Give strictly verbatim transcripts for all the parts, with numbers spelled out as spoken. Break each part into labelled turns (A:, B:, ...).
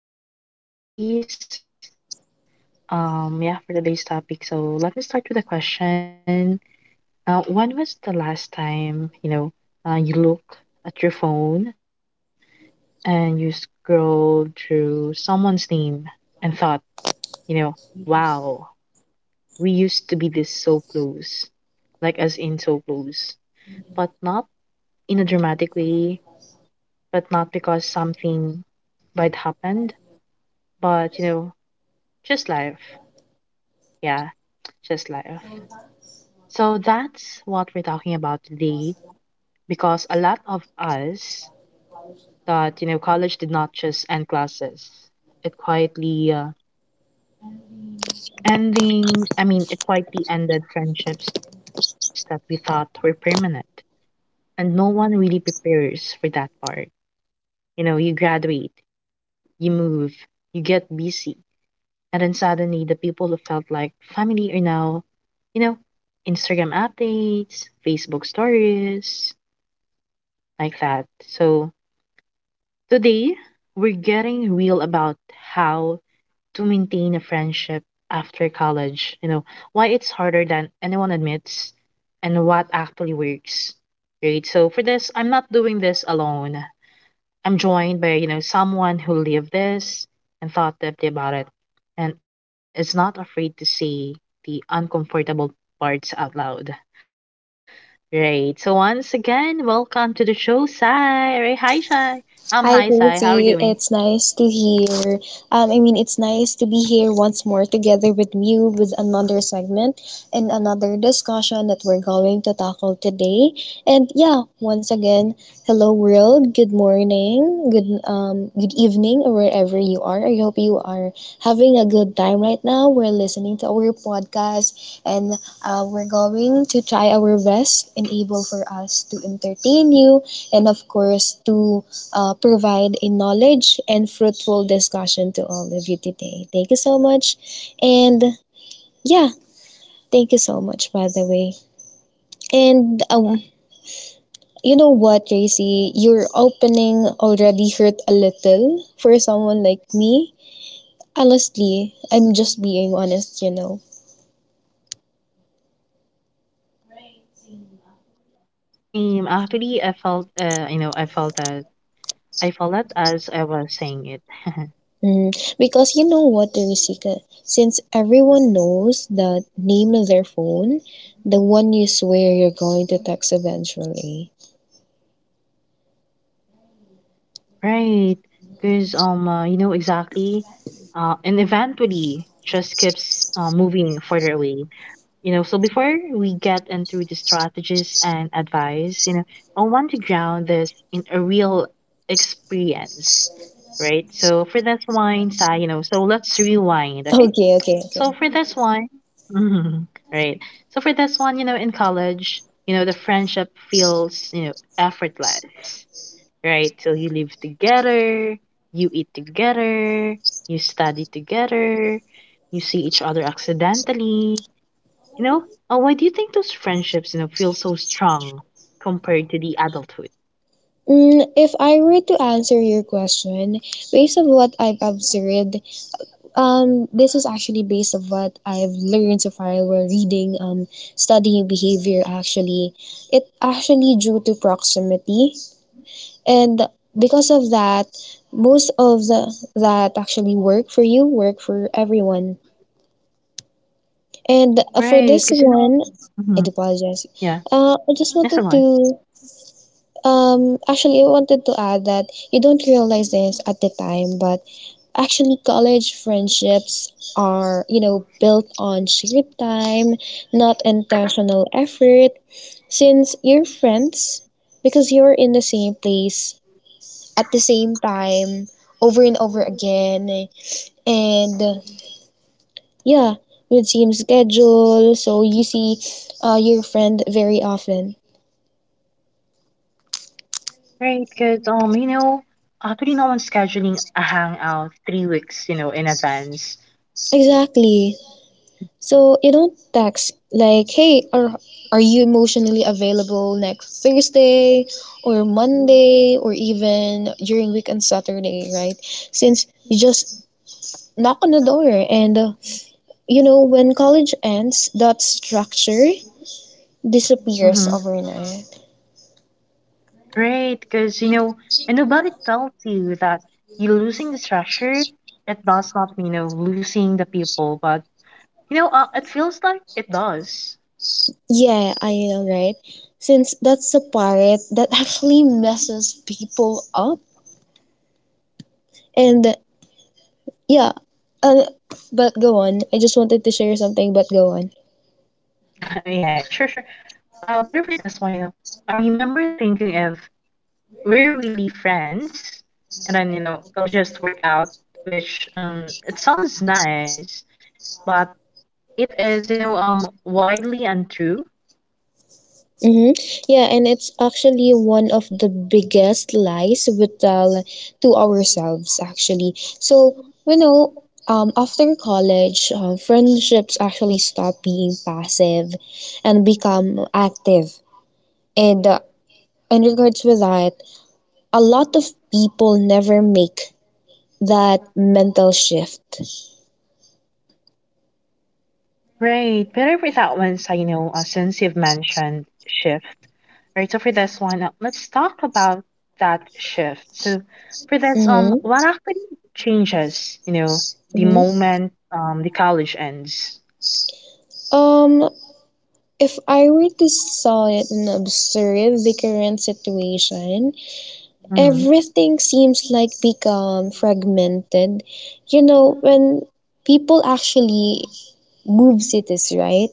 A: again to our podcast. So, for today's, um, yeah, for today's topic, so let me start with a question. Uh, when was the last time you know uh, you look at your phone and you scroll through someone's name and thought, you know, wow, we used to be this so close, like as in so close, but not in a dramatic way, but not because something might happen, but you know, just life. Yeah, just life. So that's what we're talking about today because a lot of us thought, you know, college did not just end classes. It quietly uh, ending, I mean, it quietly ended friendships that we thought were permanent. And no one really prepares for that part. You know, you graduate, you move, you get busy. And then suddenly, the people who felt like family are now, you know, Instagram updates, Facebook stories, like that. So today, we're getting real about how to maintain a friendship after college, you know, why it's harder than anyone admits, and what actually works. Right. So for this, I'm not doing this alone. I'm joined by, you know, someone who lived this and thought deeply about it and is not afraid to say the uncomfortable parts out loud. Right. So once again, welcome to the show, Sai. Right. Hi, Sai. I'm hi, Sai. How are you
B: Hi,
A: doing?
B: Tracy. It's nice to hear. Um, I mean, it's nice to be here once more together with you with another segment and another discussion that we're going to tackle today. And yeah, once again, hello world. Good morning. Good um, good evening, or wherever you are. I hope you are having a good time right now. We're listening to our podcast, and uh, we're going to try our best and able for us to entertain you and of course to uh, provide a knowledge and fruitful discussion to all of you today. Thank you so much. And yeah, thank you so much, by the way. And um, you know what, Tracy? Your opening already hurt a little for someone like me. Honestly, I'm just being honest, you know.
A: Right. Same. Actually, I felt, uh, you know, I felt that I felt that as I was saying it.
B: Mm, because you know what, Teresika? Since everyone knows the name of their phone, the one you swear you're going to text eventually.
A: Right. Because um, uh, you know exactly, uh, and eventually just keeps uh, moving further away. You know, so before we get into the strategies and advice, you know, I want to ground this in a real experience, right? So for this one, Sai, you know, so let's rewind, okay?
B: Okay, okay, okay.
A: So for this one, mhm, right? So for this one, you know, in college, you know, the friendship feels, you know, effortless, right? So you live together, you eat together, you study together, you see each other accidentally, you know, uh, why do you think those friendships, you know, feel so strong compared to the adulthood?
B: Mm, if I were to answer your question, based of what I've observed, um, this is actually based of what I've learned so far while reading, um, studying behavior. Actually, it actually due to proximity, and because of that, most of the that actually work for you, work for everyone. And uh, for this
A: Right, because you
B: one,
A: know,
B: I do
A: hmm.
B: apologize.
A: Yeah,
B: Uh, I just
A: that's
B: wanted
A: the one.
B: to. Um, actually, I wanted to add that you don't realize this at the time, but actually, college friendships are, you know, built on shared time, not intentional effort, since you're friends because you're in the same place at the same time over and over again. And yeah, with same schedule, so you see uh, your friend very often.
A: Right, because um, you know, actually, no one's scheduling a hangout three weeks, you know, in advance.
B: Exactly. So you don't text like, "Hey, are are you emotionally available next Thursday or Monday or even during weekend Saturday, right?" Since you just knock on the door and uh, you know when college ends, that structure disappears
A: Mm-hmm.
B: overnight.
A: Right, because you know, and nobody tells you that you're losing the structure. It does not mean you know losing the people, but you know, uh, it feels like it does.
B: Yeah, I know, right? Since that's the part that actually messes people up. And yeah, uh, but go on. I just wanted to share something, but go on.
A: Yeah, yeah, sure, sure. Uh, better for this one, you know. I remember thinking if we're really friends and then you know it'll just work out, which um it sounds nice but it is you know um widely untrue.
B: Mm-hmm. Yeah, and it's actually one of the biggest lies we tell to ourselves, actually. So, you know, um, after college, uh, friendships actually stop being passive and become active. And uh, in regards with that, a lot of people never make that mental shift.
A: Right, better for that one, so you know uh, since you've mentioned shift, right, so for this one uh, let's talk about that shift. So for this, um,
B: Mm-hmm.
A: what actually changes you know the
B: Mm-hmm.
A: moment um the college ends.
B: Um, if I were to saw it and observe the current situation,
A: Mm-hmm.
B: everything seems like become fragmented, you know, when people actually move cities, right?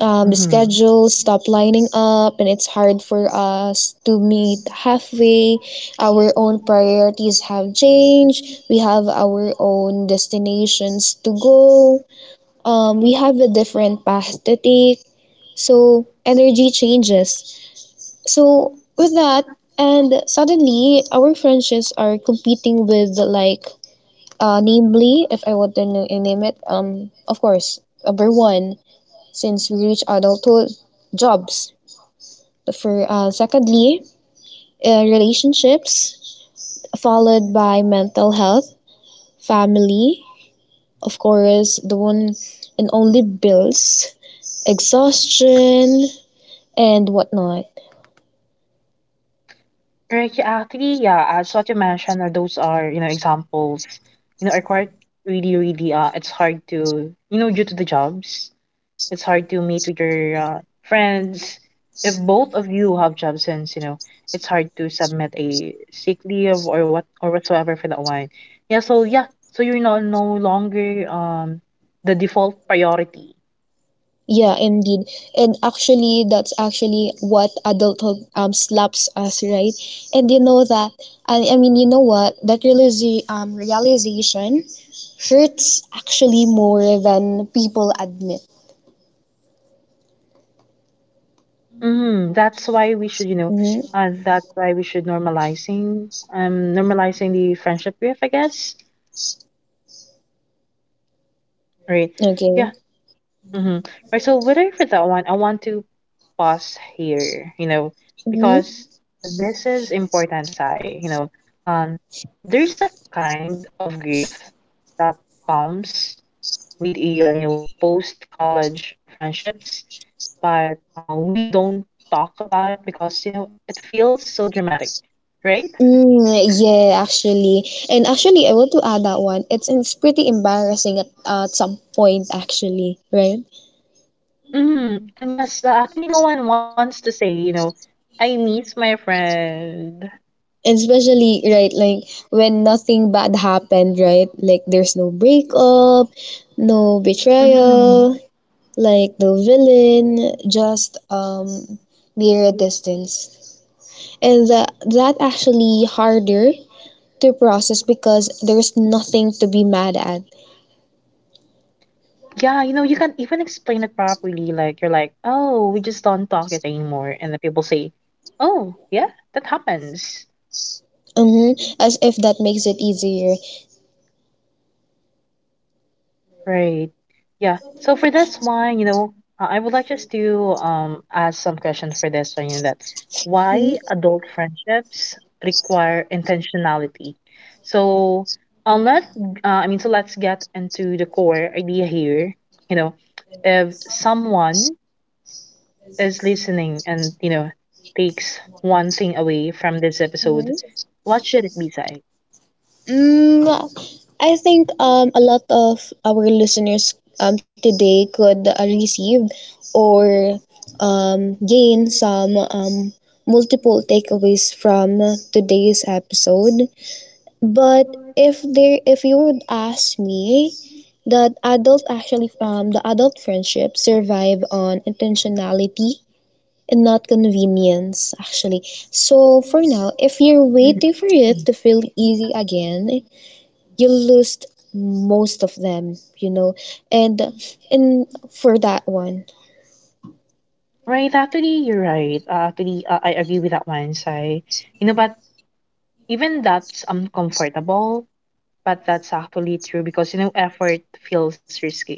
B: um, The
A: Mm-hmm.
B: schedules stop lining up and it's hard for us to meet halfway. Our own priorities have changed, we have our own destinations to go. Um, we have a different path to take, so energy changes. So with that, and suddenly our friendships are competing with like, uh namely if I want to n- name it, um of course, number one, since we reach adulthood, jobs. For uh, Secondly, uh, relationships, followed by mental health, family, of course the one and only, bills, exhaustion, and whatnot.
A: Right, yeah, actually, yeah, uh, as what you mentioned, are those are, you know, examples, you know, are quite really, really, uh, it's hard to, you know, due to the jobs, it's hard to meet with your uh, friends. If both of you have job since, you know, it's hard to submit a sick leave or what or whatsoever for that one. Yeah, so yeah, so you're no no longer um the default priority.
B: Yeah, indeed. And actually, that's actually what adulthood um slaps us, right? And you know that, I, I mean, you know what? That realiza- um, realization hurts actually more than people admit.
A: Mhm, that's why we should, you know,
B: Mm-hmm.
A: uh, that's why we should normalizing, um, normalizing the friendship grief, I guess. Right. Yeah.
B: Okay.
A: Mm-hmm. Right. So whether for that one, I want to pause here, you know,
B: Mm-hmm.
A: because this is important, Sai. You know, um, there's a kind of grief that comes with a, uh, you know, post college friendships but uh, we don't talk about it because you know it feels so dramatic, right?
B: Mm, yeah, actually. And actually, I want to add that one. It's, it's pretty embarrassing at, at some point, actually, right?
A: Hmm. And yes, uh, actually, no one wants to say you know I miss my friend.
B: Especially right, like when nothing bad happened, right? Like there's no breakup, no betrayal,
A: Hmm.
B: like no villain, just um mere distance. And that that actually harder to process because there's nothing to be mad at.
A: Yeah, you know you can't even explain it properly. Like you're like, oh, we just don't talk it anymore, and the people say, oh yeah, that happens.
B: Mm-hmm. As if that makes it easier.
A: Right. Yeah. So for this one, you know, uh, I would like just to um ask some questions for this one, you know, that
B: Mhm.
A: why adult friendships require intentionality. So um let uh, I mean so let's get into the core idea here. You know, if someone is listening and, you know, takes one thing away from this episode, what should it be, Sai?
B: Mm, I think um, a lot of our listeners um, today could uh, receive or um, gain some um, multiple takeaways from today's episode. But if there, if you would ask me, that adults actually um, the adult friendships survive on intentionality and not convenience actually. So for now, if you're waiting for it to feel easy again, you lose most of them, you know. And and for that one,
A: Right, actually, you're right. Uh, actually, uh, I agree with that one, Sai. You know, but even that's uncomfortable, but that's actually true because, you know, effort feels risky.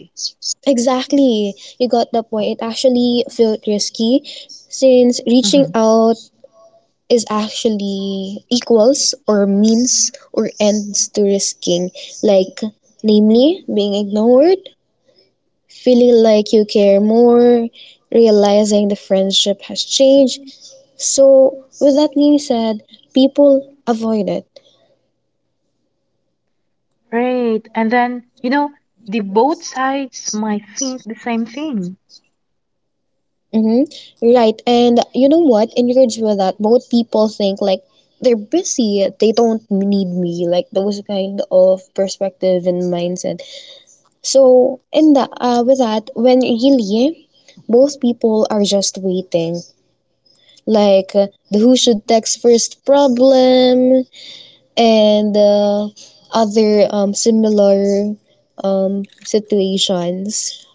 B: exactly, you got the point. It actually felt risky since
A: Hmm.
B: reaching out is actually equals or means or ends to risking, like namely being ignored, feeling like you care more, realizing the friendship has changed. So, with that being said, people avoid it.
A: Right. And then, you know, the both sides might think the same thing.
B: Mm-hmm. Right. And you know what? In regards with that, both people think like they're busy, they don't need me, like those kind of perspective and mindset. So in the uh with that, when really both people are just waiting. Like uh, the who should text first problem and uh, other um similar um situations.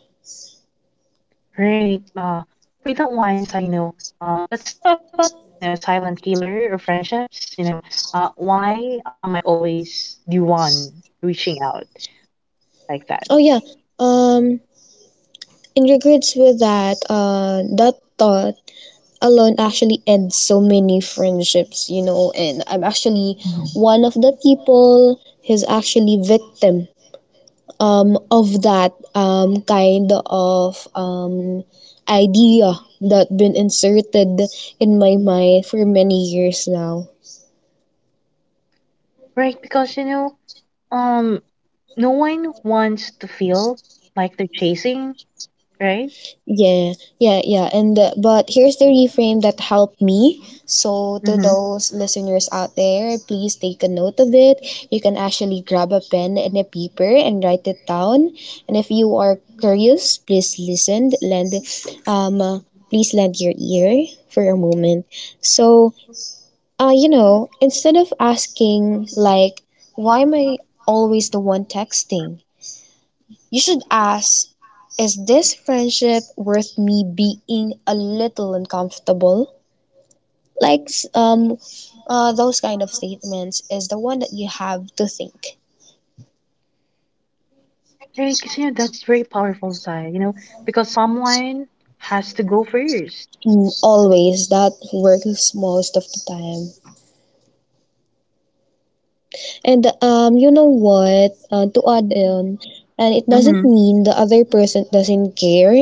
A: Right. Uh, for that one, so, you know, um, let's talk about the, you know, silent killer or friendships. You know, uh, why am I always the one reaching out like that?
B: Oh yeah. Um in regards with that, uh, that thought alone actually ends so many friendships, you know. And I'm actually
A: Hmm.
B: one of the people who's actually victim um, of that um, kind of um, idea that been inserted in my mind for many years now.
A: Right, because you know, um, no one wants to feel like they're chasing, right?
B: Yeah, yeah, yeah. And uh, but here's the reframe that helped me. So to
A: Mm-hmm.
B: those listeners out there, please take a note of it. You can actually grab a pen and a paper and write it down. And if you are curious, please listen. Lend, um, uh, please lend your ear for a moment. So, uh, you know, instead of asking like, why am I always the one texting? You should ask, is this friendship worth me being a little uncomfortable? Like um, uh, those kind of statements is the one that you have to think.
A: Right, because you know that's very powerful side, you know, because someone has to go first.
B: Mm, always, that works most of the time. And um, you know what? Uh, to add on,
A: Mm-hmm.
B: and it doesn't mean the other person doesn't care.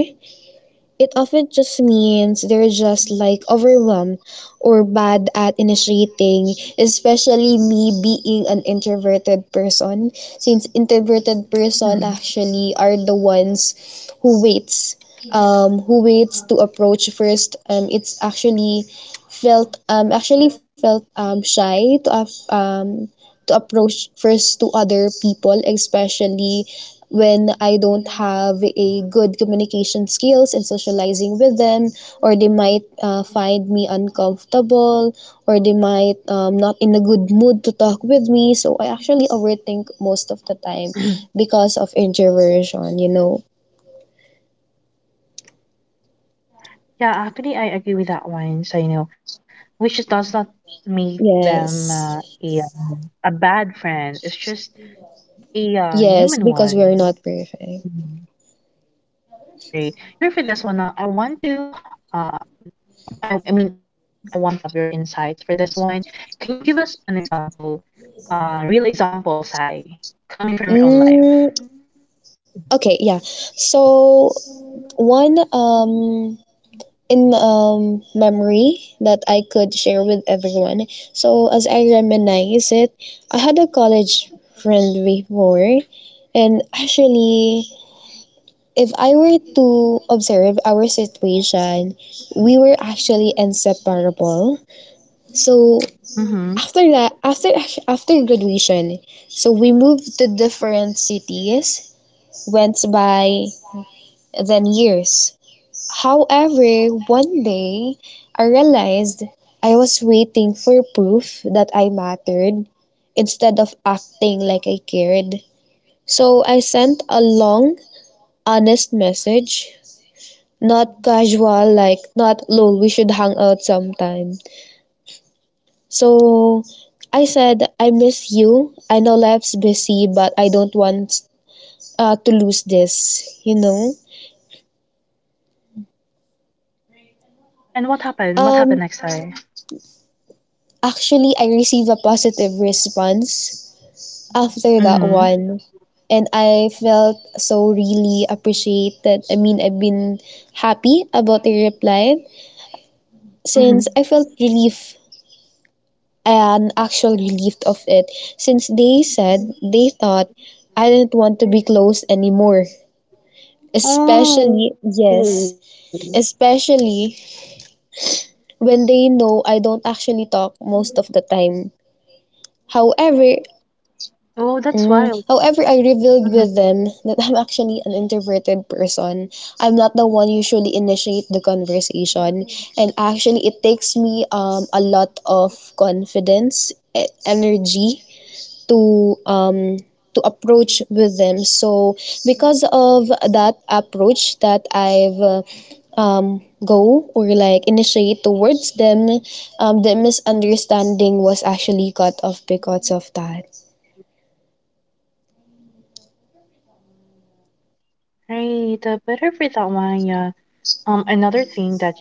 B: It often just means they're just like overwhelmed or bad at initiating, especially me being an introverted person, since introverted
A: Mm-hmm.
B: person actually are the ones who waits, um who waits to approach first. Um it's actually felt, um actually felt um shy to af- um to approach first to other people, especially when I don't have a good communication skills in socializing with them, or they might uh, find me uncomfortable, or they might um, not in a good mood to talk with me. So I actually overthink most of the time because of introversion, you know.
A: Yeah, actually, I agree with that one. So you know, which just does not make them uh,
B: Yes,
A: a a bad friend. It's just a uh, human
B: yes, because we
A: one,
B: are not perfect.
A: mhm, right? Yeah, but for this one, uh, I want to uh, I I mean, I want to have your insights for this one. Can you give us an example, uh, real example, Sai, coming from your own life?
B: Mm, okay, yeah. So one um in um, memory that I could share with everyone. So as I reminisce it, I had a college friend before, and actually, if I were to observe our situation, we were actually inseparable. So
A: Mm-hmm.
B: after that, after after graduation, so we moved to different cities, went by then years. However, one day I realized I was waiting for proof that I mattered instead of acting like I cared. So I sent a long, honest message, not casual, like, not lol, we should hang out sometime. So I said, I miss you. I know life's busy, but I don't want uh, to lose this, you know?
A: Right. And what happened? What happened
B: Um,
A: next, Sai?
B: actually, I received a positive response after that
A: Mm-hmm.
B: one. And I felt so really appreciated. I mean, I've been happy about the reply since
A: Mm-hmm.
B: I felt relief, an actual relief of it. Since they said they thought I didn't want to be close anymore. Especially,
A: Oh.
B: yes, especially when they know I don't actually talk most of the time. However,
A: Oh, that's wild. Mm-hmm.
B: However, I revealed with them that I'm actually an introverted person. I'm not the one usually initiate the conversation, and actually, it takes me um a lot of confidence, e- energy to um to approach with them. So because of that approach that I've uh, um go or like initiate towards them, um the misunderstanding was actually cut off because of that.
A: Right. Uh, better for that one. Yeah. Um, another thing that you know that trips people up,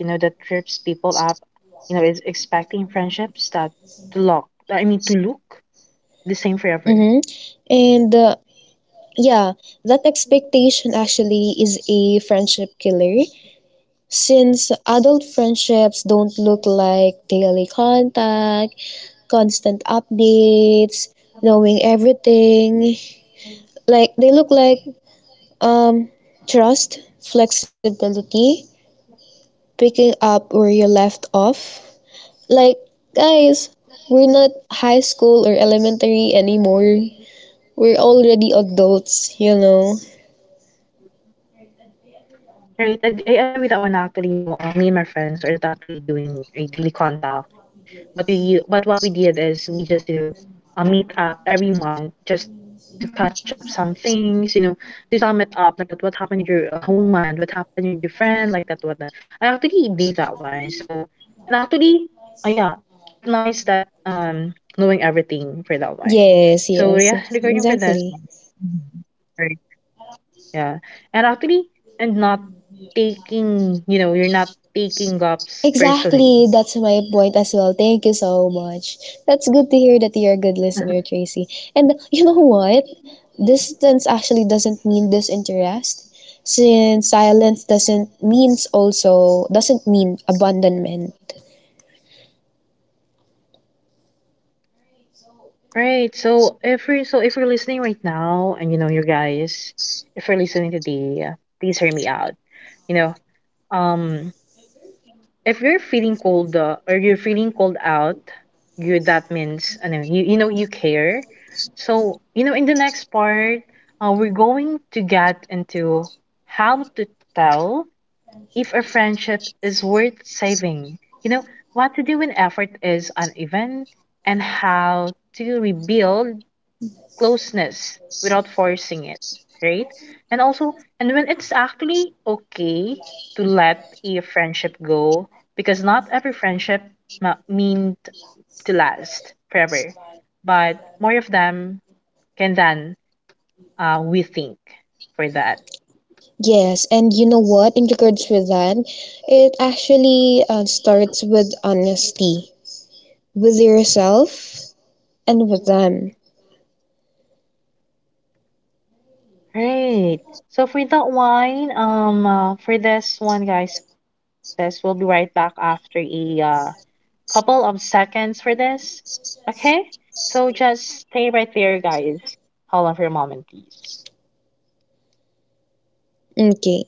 A: you know, is expecting friendships that to look, I mean, to look the same forever.
B: Mm-hmm. And uh, yeah, that expectation actually is a friendship killer since adult friendships don't look like daily contact, constant updates, knowing everything. Like they look like um trust, flexibility, picking up where you left off. Like guys, we're not high school or elementary anymore. We're already adults, you know.
A: Right. ag- I agree with that one actually. You know, uh, me and my friends are not actually doing a daily contact, but we but what we did is we just you know uh, meet up every month just to catch up some things. You know, to sum it up like that. What happened in your uh, whole month? What happened with your friend? Like that. What that. I actually did that one. So and actually, uh, yeah, it's nice that um knowing everything for that one.
B: Yes,
A: So
B: yes,
A: yeah, regarding for this
B: exactly.
A: one, mhm. Right. Yeah. And actually, and not taking, you know, you're not taking gaps personally.
B: Exactly, that's my point as well. Thank you so much. That's good to hear that you're a good listener, Tracy. And you know what? Distance actually doesn't mean disinterest, since silence doesn't means also doesn't mean abandonment.
A: Right. So if you're so if you're listening right now, and you know you guys, if you're listening today, uh, please hear me out. You know, um, if you're feeling cold uh, or you're feeling cold out, you that means I know you you know you care. So you know in the next part, uh, we're going to get into how to tell if a friendship is worth saving. You know, what to do when effort is uneven and how to rebuild closeness without forcing it, right? And also, and when it's actually okay to let a friendship go because not every friendship ma- mean to last forever, but more of them can than uh, we think for that.
B: Yes, and you know what? In regards with that, it actually uh, starts with honesty with yourself and with them.
A: Great. So for that one, um, uh, for this one, guys, says we'll be right back after a uh, couple of seconds for this. Okay? So just stay right there, guys. Hold on for a moment, please.
B: Okay.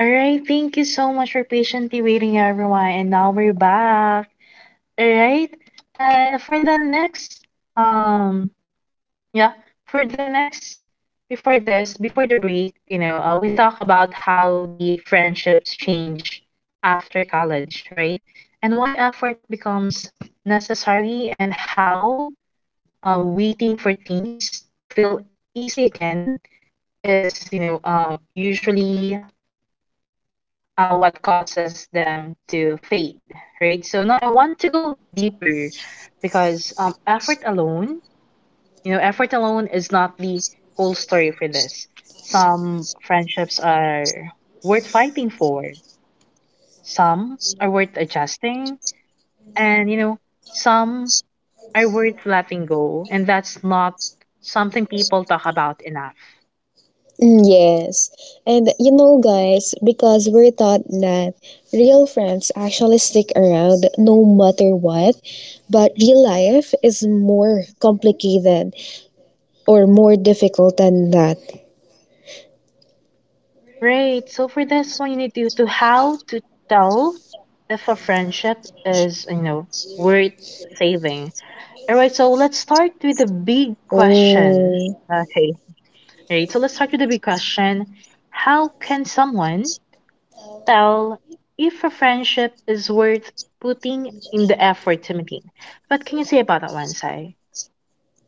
A: All right. Thank you so much for patiently waiting, everyone. And now we're back. All right. And for the next, um, yeah. For the next, before this, before the break, you know, uh, we talk about how the friendships change after college, right? And why effort becomes necessary and how uh, waiting for things to feel easy again is, you know, um, usually uh, what causes them to fade, right? So now I want to go deeper because um, effort alone you know, effort alone is not the whole story for this. Some friendships are worth fighting for, some are worth adjusting, and you know, some are worth letting go. And that's not something people talk about enough.
B: Mm, yes, and you know, guys, because we're taught that real friends actually stick around no matter what, but real life is more complicated or more difficult than that.
A: Right. So for this one, you need to, to how to tell if a friendship is, you know, worth saving. All right. So let's start with the big question.
B: Oh,
A: Okay. Right, so let's start with the big question. How can someone tell if a friendship is worth putting in the effort to maintain? What can you say about that one, Sai?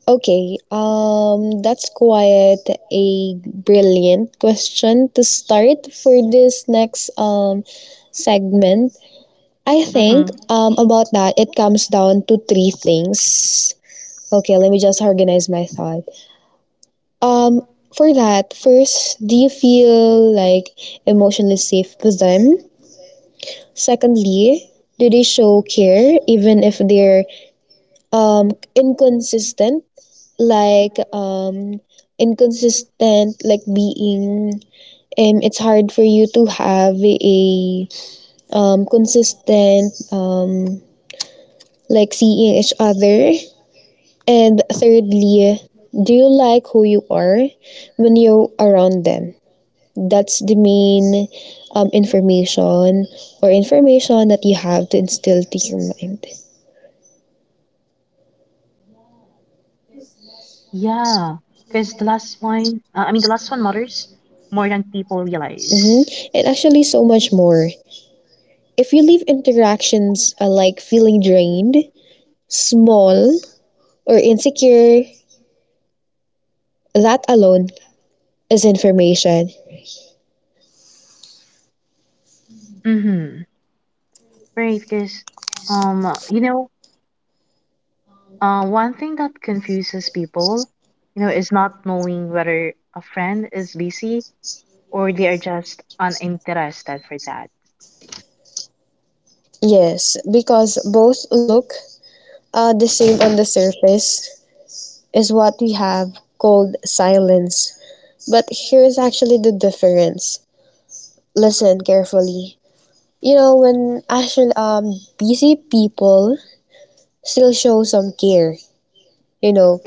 B: okay. Um, that's quite a brilliant question to start for this next um segment. I think
A: Mm-hmm.
B: um about that it comes down to three things. Okay, let me just organize my thought. Um, for that, first, do you feel like emotionally safe with them? Secondly, do they show care even if they're um inconsistent, like um inconsistent, like being um it's hard for you to have a um consistent um like seeing each other. And thirdly, do you like who you are when you're around them? That's the main um, information or information that you have to instill to your mind.
A: Yeah, because the last one, uh, I mean, the last one matters more than people realize.
B: Hmm. And actually, so much more. If you leave interactions uh, like feeling drained, small, or insecure, that alone is information.
A: Mm-hmm. Right, because, um, you know, uh, one thing that confuses people, you know, is not knowing whether a friend is busy or they are just uninterested for that.
B: Yes, because both look uh, the same on the surface is what we have called silence. But here's actually the difference. Listen carefully. You know, when actually um busy people still show some care, you know,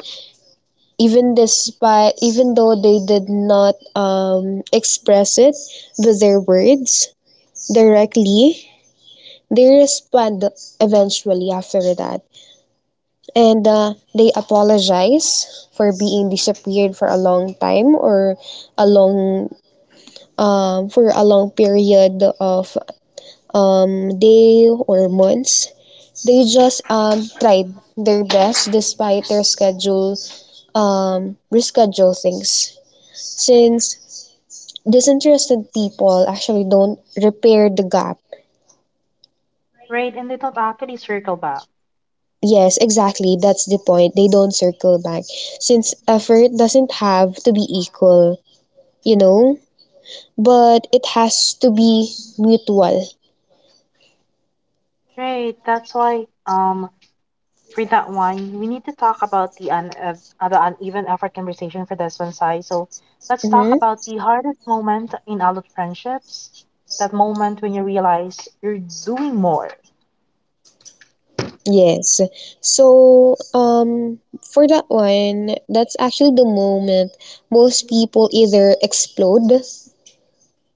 B: even despite even though they did not um express it with their words directly, they respond eventually after that. And uh, they apologize for being disappeared for a long time or a long um for a long period of um, day or months. They just um, tried their best despite their schedule, um, reschedule things. Since disinterested people actually don't repair the gap.
A: Right, and they don't actually circle back.
B: Yes, exactly. That's the point. They don't circle back. Since effort doesn't have to be equal, you know, but it has to be mutual.
A: Right, that's why um for that one we need to talk about the un uh, uh, the uneven effort conversation for this one, Sai. So let's talk
B: Hmm.
A: about the hardest moment in adult friendships. That moment when you realize you're doing more.
B: Yes. So, um, for that one, that's actually the moment most people either explode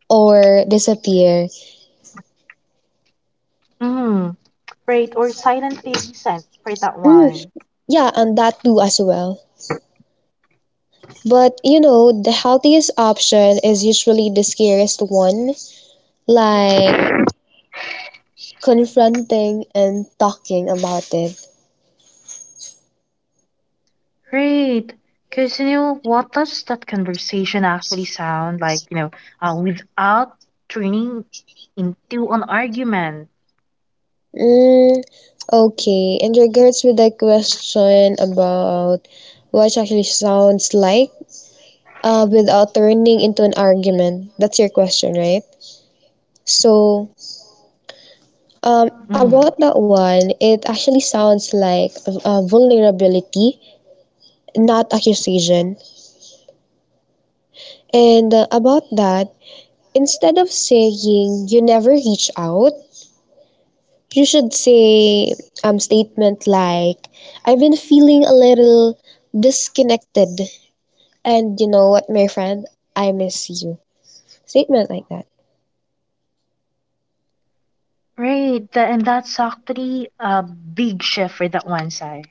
B: or disappear.
A: Mm, right, or silently resent for that
B: Mm,
A: one.
B: yeah, and that too as well. But you know, the healthiest option is usually the scariest one, like confronting and talking about it.
A: Great. Because, you know, what does that conversation actually sound like, you know, uh, without turning into an argument?
B: Mm, okay, in regards with the question about what actually sounds like uh, without turning into an argument. That's your question, right? So, um,
A: Mm.
B: about that one, it actually sounds like a vulnerability, not accusation. And uh, about that, instead of saying you never reach out, you should say um statement like I've been feeling a little disconnected, and you know what, my friend, I miss you. Statement like that.
A: Right. Tha- and that's actually a big shift for that one side.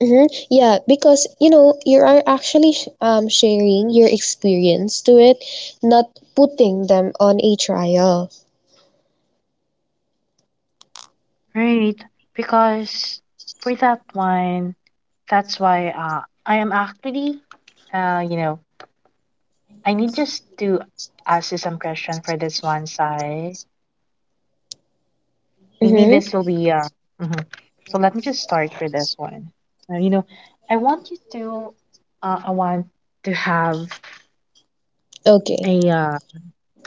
B: Mhm. Yeah, because you know you are actually sh- um, sharing your experience to it, not putting them on a trial.
A: Right. Because for that one, that's why uh, I am actually, uh, you know, I need just to ask you some question for this one side. Maybe this
B: Mm-hmm.
A: will be uh mhm. So let me just start for this one. Uh, you know, I want you to uh I want to have
B: Okay.
A: a uh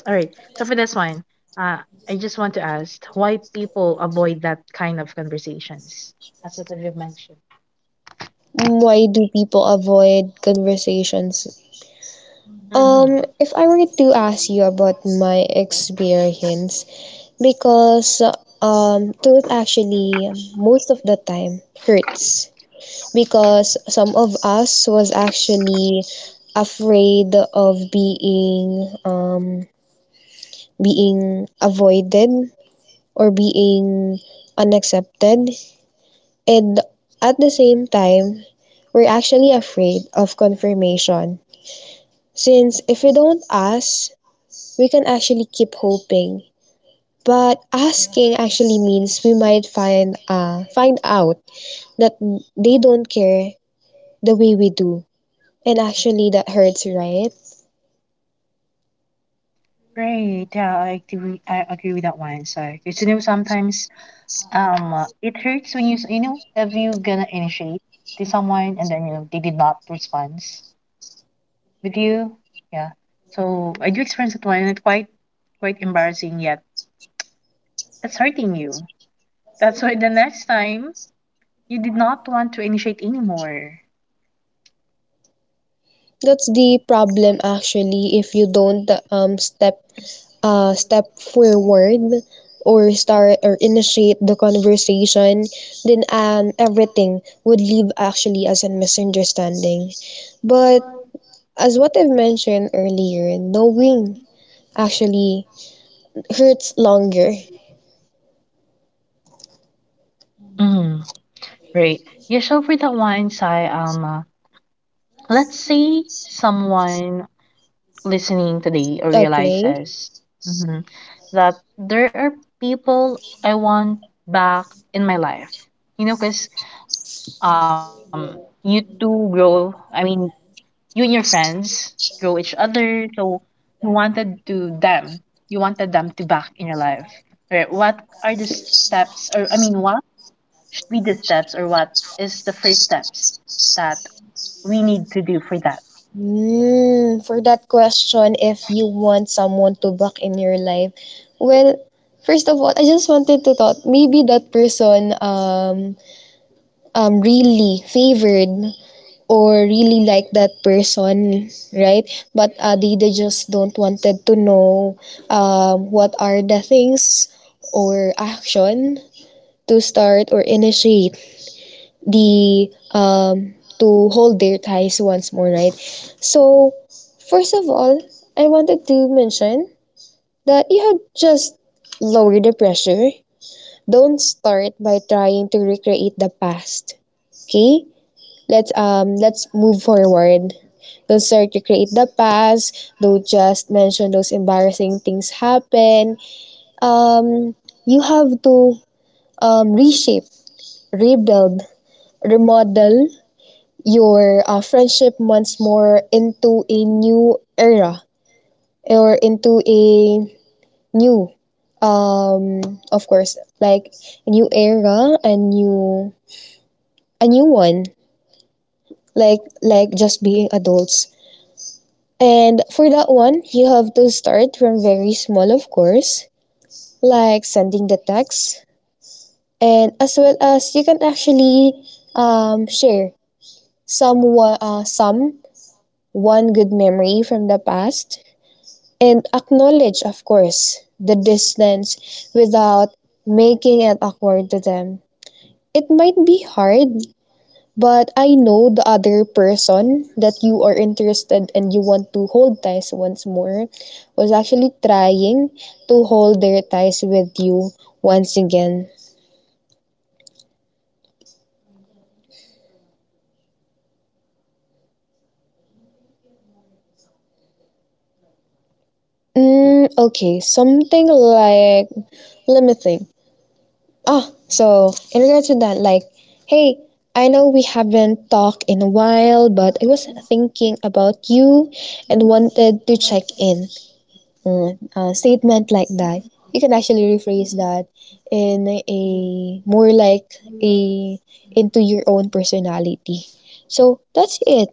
A: all right. So for this one, uh I just want to ask why people avoid that kind of conversations as what you've mentioned.
B: Why do people avoid conversations?
A: Mm-hmm.
B: Um, if I were to ask you about my experience, because um, truth actually most of the time hurts because some of us was actually afraid of being um being avoided or being unaccepted. And at the same time, we're actually afraid of confirmation. Since if we don't ask, we can actually keep hoping. But asking actually means we might find uh, find out that they don't care the way we do. And actually that hurts, right?
A: Right. Yeah, I agree. I agree with that one. So, because you know, sometimes um, uh, it hurts when you s- you know if you gonna initiate to someone and then you know they did not respond with you. Yeah. So I do experience it one and it's quite quite embarrassing yet. It's hurting you. That's why the next time you did not want to initiate anymore.
B: That's the problem actually if you don't um step uh, step forward or start or initiate the conversation, then um, everything would leave actually as a misunderstanding. But as what I've mentioned earlier, knowing actually hurts longer.
A: Mm, right. Yeah, so for that one, Sai, um, uh, let's say someone listening today
B: Okay.
A: realizes mhm, that there are people I want back in my life. You know, because um, you two grow. I mean, you and your friends grow each other. So you wanted to them, you wanted them to back in your life. Right? What are the steps, or I mean, what should be the steps, or what is the first steps that we need to do for that?
B: Mm, for that question, if you want someone to back in your life, well, first of all, I just wanted to thought maybe that person um um really favored or really like that person, right? But uh, they, they just don't wanted to know um, what are the things or action to start or initiate the um, to hold their ties once more, right? So first of all, I wanted to mention that you have just lower the pressure. Don't start by trying to recreate the past. Okay? let's um let's move forward. Don't start to create the past. Don't just mention those embarrassing things happen. Um, you have to um, reshape, rebuild, remodel your uh, friendship once more into a new era or into a new um of course like a new era, a new, a new one, like like just being adults. And for that one, you have to start from very small, of course, like sending the text, and as well as you can actually um, share some wa- uh, some one good memory from the past, and acknowledge, of course, the distance without making it awkward to them. It might be hard. But I know the other person that you are interested and you want to hold ties once more was actually trying to hold their ties with you once again. Mm, okay, something like let me think. Ah, so in regards to that, like, hey, I know we haven't talked in a while, but I was thinking about you and wanted to check in. Uh, a statement like that, you can actually rephrase that in a more like a into your own personality. So that's it.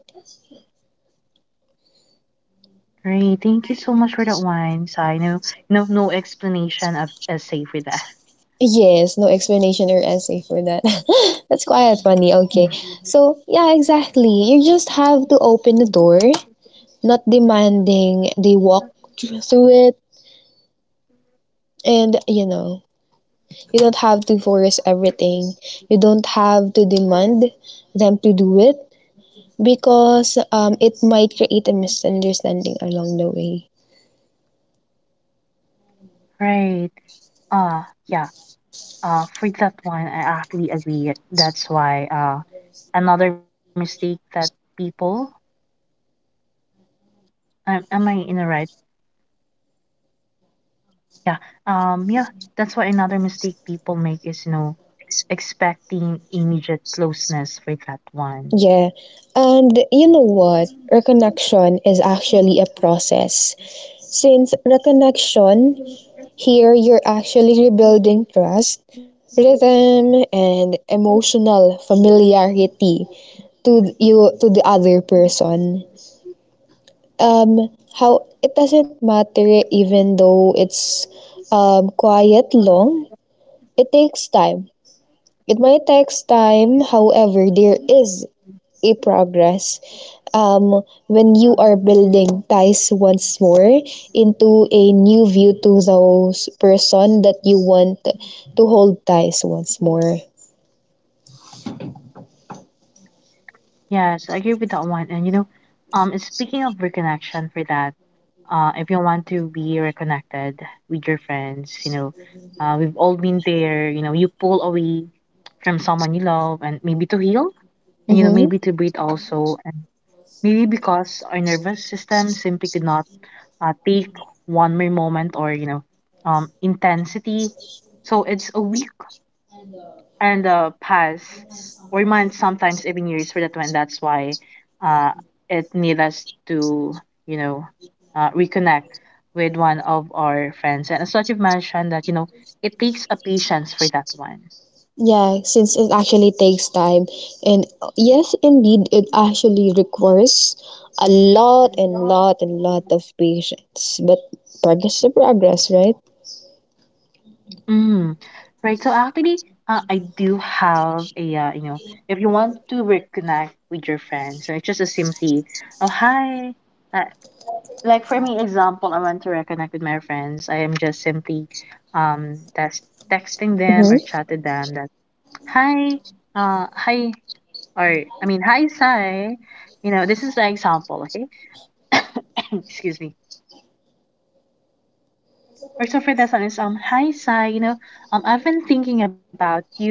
A: Right. Thank you so much for that one, Sai. No, no, no explanation of a essay for that.
B: Yes, no explanation or essay for that. That's quite funny. Okay. So
A: Mhm.
B: yeah, exactly. You just have to open the door, not demanding they walk thr- through it. And you know, you don't have to force everything. You don't have to demand them to do it because um, it might create a misunderstanding along the way.
A: Right. Uh yeah. Uh for that one I actually agree. That's why uh another mistake that people am, am I in the right? Yeah. Um, yeah, that's why another mistake people make is, you know, expecting immediate closeness for that one.
B: Yeah. And you know what? Reconnection is actually a process. Since reconnection, here you're actually rebuilding trust, rhythm, and emotional familiarity to you to the other person. Um, how it doesn't matter even though it's um, quiet long. It takes time. It might takes time, however, there is a progress um, when you are building ties once more into a new view to those person that you want to hold ties once more.
A: Yes, I agree with that one. And you know, um, speaking of reconnection for that, uh, if you want to be reconnected with your friends, you know, uh, we've all been there. You know, you pull away from someone you love, and maybe to heal, and you know,
B: Mm-hmm.
A: maybe to breathe also, and maybe because our nervous system simply could not uh, take one more moment or you know um, intensity so it's a week and a pass or months sometimes even years for that one that's why uh, it need us to you know uh, reconnect with one of our friends and as what you've mentioned that you know it takes a patience for that one.
B: Yeah, since it actually takes time. And uh, yes, indeed, it actually requires a lot and lot and lot of patience. But progress is progress, right?
A: Mm. Right. So actually, uh, I do have a uh, you know, if you want to reconnect with your friends, so it's just a simply, oh hi. Uh, like for me, example, I want to reconnect with my friends. I am just simply, um, that's texting them or
B: Mm-hmm.
A: chatting them that hi, uh, hi, or I mean hi, Sai. You know, this is an example, okay? Excuse me. Or so for this one is um hi, Sai. You know, um, I've been thinking about you.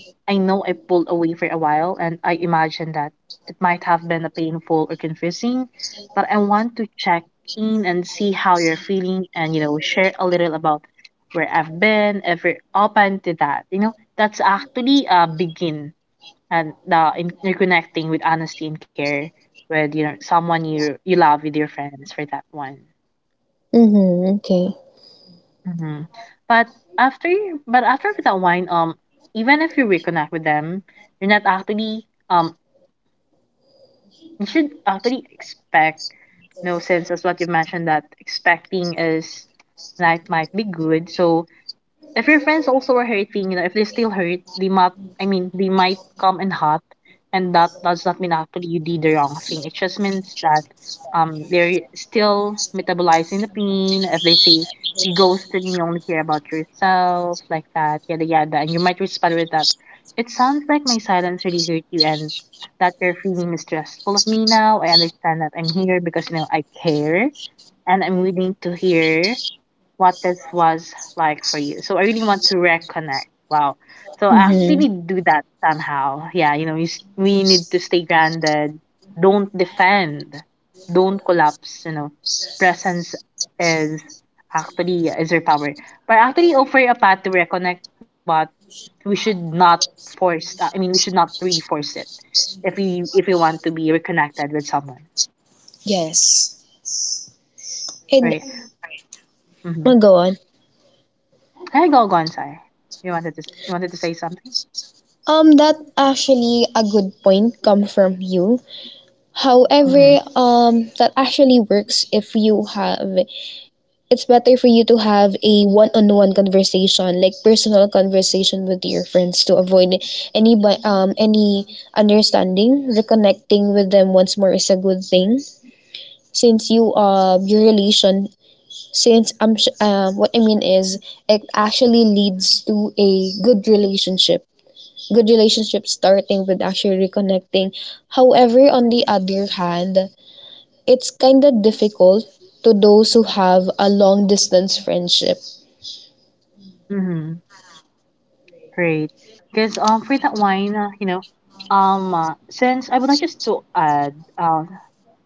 A: I know I pulled away for a while and I imagine that it might have been a painful or confusing, but I want to check in and see how you're feeling and you know share a little about where I've been if you're open to that. You know, that's actually a begin and the in, you're connecting with honesty and care with you know someone you you love with your friends for that one.
B: Mm-hmm. Okay.
A: Hmm. But after you- but after that wine, um, even if you reconnect with them, you're not actually um you should actually expect no since as what you mentioned that expecting is life might be good so if your friends also are hurting, you know, if they still hurt, they might I mean they might come and hot and that does not mean actually you did the wrong thing. It just means that um they're still metabolizing the pain. If they say you ghosted me, only care about yourself, like that, yada yada, and you might respond with that. It sounds like my silence really hurt you and that you're feeling mistrustful of me now. I understand that I'm here because you know I care and I'm willing to hear what this was like for you. So I really want to reconnect. Wow. So I
B: Mm-hmm.
A: actually do that somehow. Yeah, you know, you, s- we need to stay grounded. Don't defend. Don't collapse. You know, presence is actually is your power. But actually offer a path to reconnect, but we should not force. uh, I mean, we should not really force it if we if we want to be reconnected with someone,
B: Yes. And
A: right? Mm-hmm.
B: oh, go on.
A: Hey, go, go inside. You wanted to s- you wanted to say something.
B: Um, that actually a good point come from you.
A: Mm-hmm.
B: However, um, that actually works if you have. It's better for you to have a one-on-one conversation, like personal conversation with your friends, to avoid any bi- um any understanding. Reconnecting with them once more is a good thing, since you uh your relation. Since I'm sh- uh, what I mean is it actually leads to a good relationship, good relationship starting with actually reconnecting. However, on the other hand, it's kind of difficult to those who have a long distance friendship.
A: Mm-hmm. Great. Because um for that wine, uh, you know, um uh, since I would like just to add, um,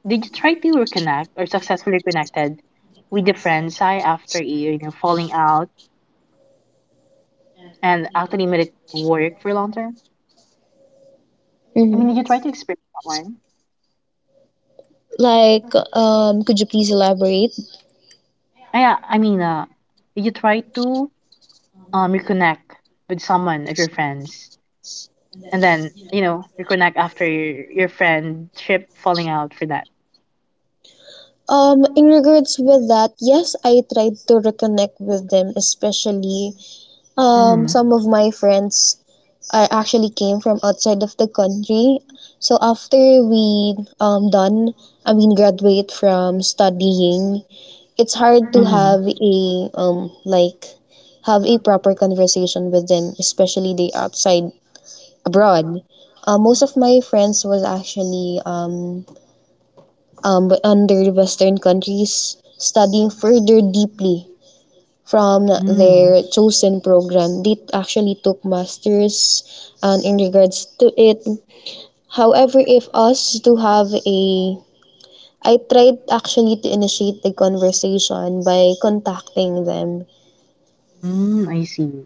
A: did you try to reconnect or successfully connected with the friends I after you know falling out and actually made it work for long term? I
B: Mhm.
A: mean, did you try to experience that one?
B: Like, um, could you please elaborate?
A: Ah yeah, I mean, uh, did you try to um reconnect with someone of your friends and then you know reconnect after your, your friendship falling out for that?
B: Um, in regards with that, yes, I tried to reconnect with them, especially um,
A: Mm-hmm.
B: some of my friends are actually came from outside of the country. So after we um done, I mean graduate from studying, it's hard to
A: Mm-hmm.
B: have a um like have a proper conversation with them, especially the outside abroad. Uh, most of my friends was actually um um under the Western countries studying further deeply from their
A: Mm.
B: chosen program. They actually took masters and in regards to it. However, if us to have a I tried actually to initiate the conversation by contacting them.
A: Mm, I see.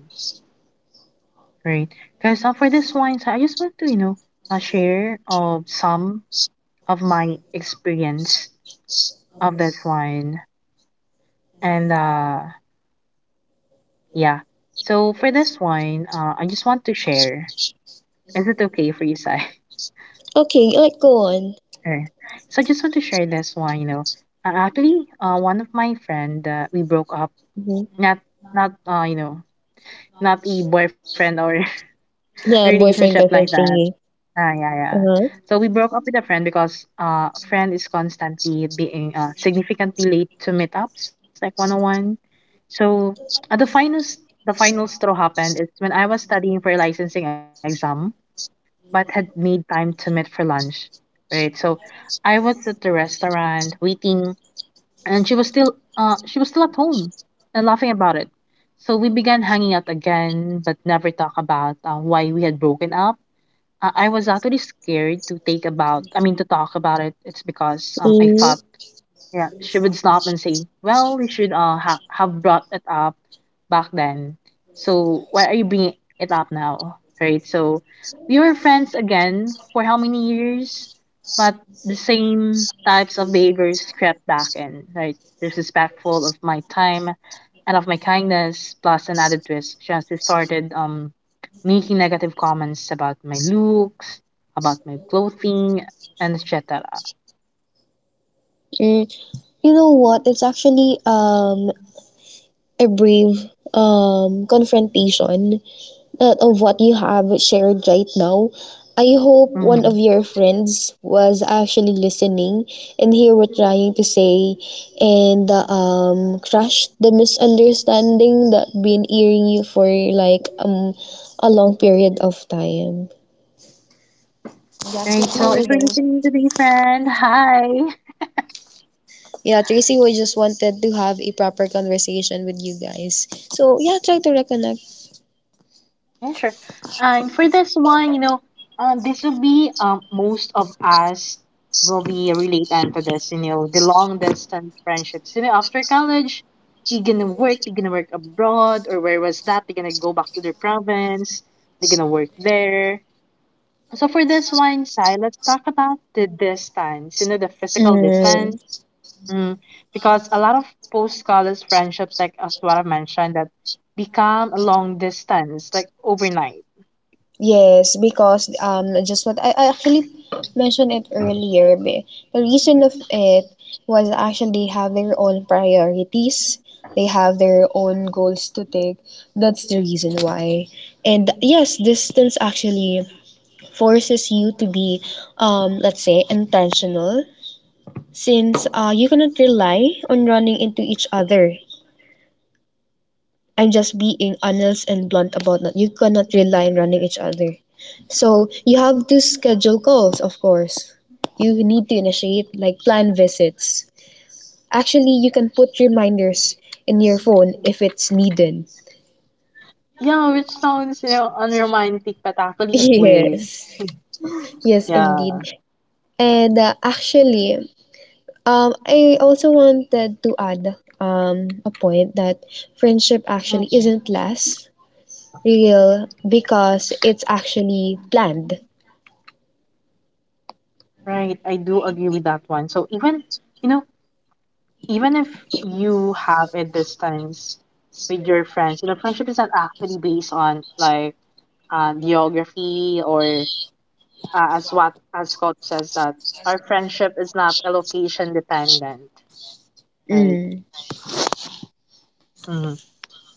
A: Great. Because uh, for this wine, so I just want to, you know, uh, share of some of my experience of that wine. And uh, yeah. So for this wine, uh, I just want to share. Is it okay for you, Sai?
B: Okay, like go on.
A: Alright. So I just want to share this one. You know, uh, actually, uh, one of my friend, uh, we broke up.
B: Mhm.
A: Not, not, uh, you know, not a boyfriend or
B: Yeah,
A: relationship
B: boyfriend
A: like
B: girlfriend
A: that.
B: thingy.
A: Ah, yeah, yeah.
B: Uh-huh.
A: So we broke up with a friend because uh friend is constantly being uh significantly late to meetups like one on one. So uh, the finest the final straw happened is when I was studying for a licensing exam but had made time to meet for lunch. Right. So I was at the restaurant waiting and she was still uh she was still at home and laughing about it. So we began hanging out again but never talk about uh, why we had broken up. uh, I was actually scared to take about, I mean, to talk about it. It's because um, I thought,
B: Mm.
A: yeah, she would stop and say, "Well, you should uh ha- have brought it up back then. So why are you bringing it up now?" Right? So we were friends again for how many years, but the same types of behaviors crept back in. Right? Disrespectful of my time and of my kindness, plus an added twist. She has started um making negative comments about my looks, about my clothing, and et cetera
B: Hmm. You know what? It's actually um a brave um confrontation that of what you have shared right now. I hope one
A: Hmm.
B: of your friends was actually listening and hear what trying to say and uh, um crush the misunderstanding that been earing you for like um a long period of time. That's it
A: Right. So
B: here
A: if you're listening
B: though.
A: to the friend, hi.
B: Yeah, Tracy, we just wanted to have a proper conversation with you guys. So yeah, try to reconnect.
A: Yeah, sure. And for this one, you know, um, this will be um, most of us will be related to this, you know, the long distance friendships. You know, after college, they're gonna work, they're gonna work abroad, or where was that? They're gonna go back to their province, they're gonna work there. So for this one, Sai, let's talk about the distance, you know, the physical
B: Mm,
A: distance. Mm, because a lot of post-college friendships, like as what I mentioned, that become a long distance, like overnight.
B: yes, because um, just what I, I actually mentioned it earlier. be- The reason of it was actually they have their own priorities. They have their own goals to take. That's the reason why. And yes, distance actually forces you to be, um, let's say, intentional since uh, you cannot rely on running into each other. I'm just being honest and blunt about that. You cannot rely on running each other. So you have to schedule calls, of course. You need to initiate like plan visits. Actually, you can put reminders in your phone if it's needed.
A: Yeah, which sounds, you know, unromantic, but actually it works.
B: Yes, yes,
A: Yeah.
B: indeed. And uh, actually, um, I also wanted to add um, a point that friendship actually
A: Mm,
B: isn't last real because it's actually planned.
A: right. I do agree with that one. So even, you know, even if you have a distance with your friends, you know, friendship is not actually based on like uh, geography or uh, as what as Scott says that our friendship is not location dependent, right?
B: Mm.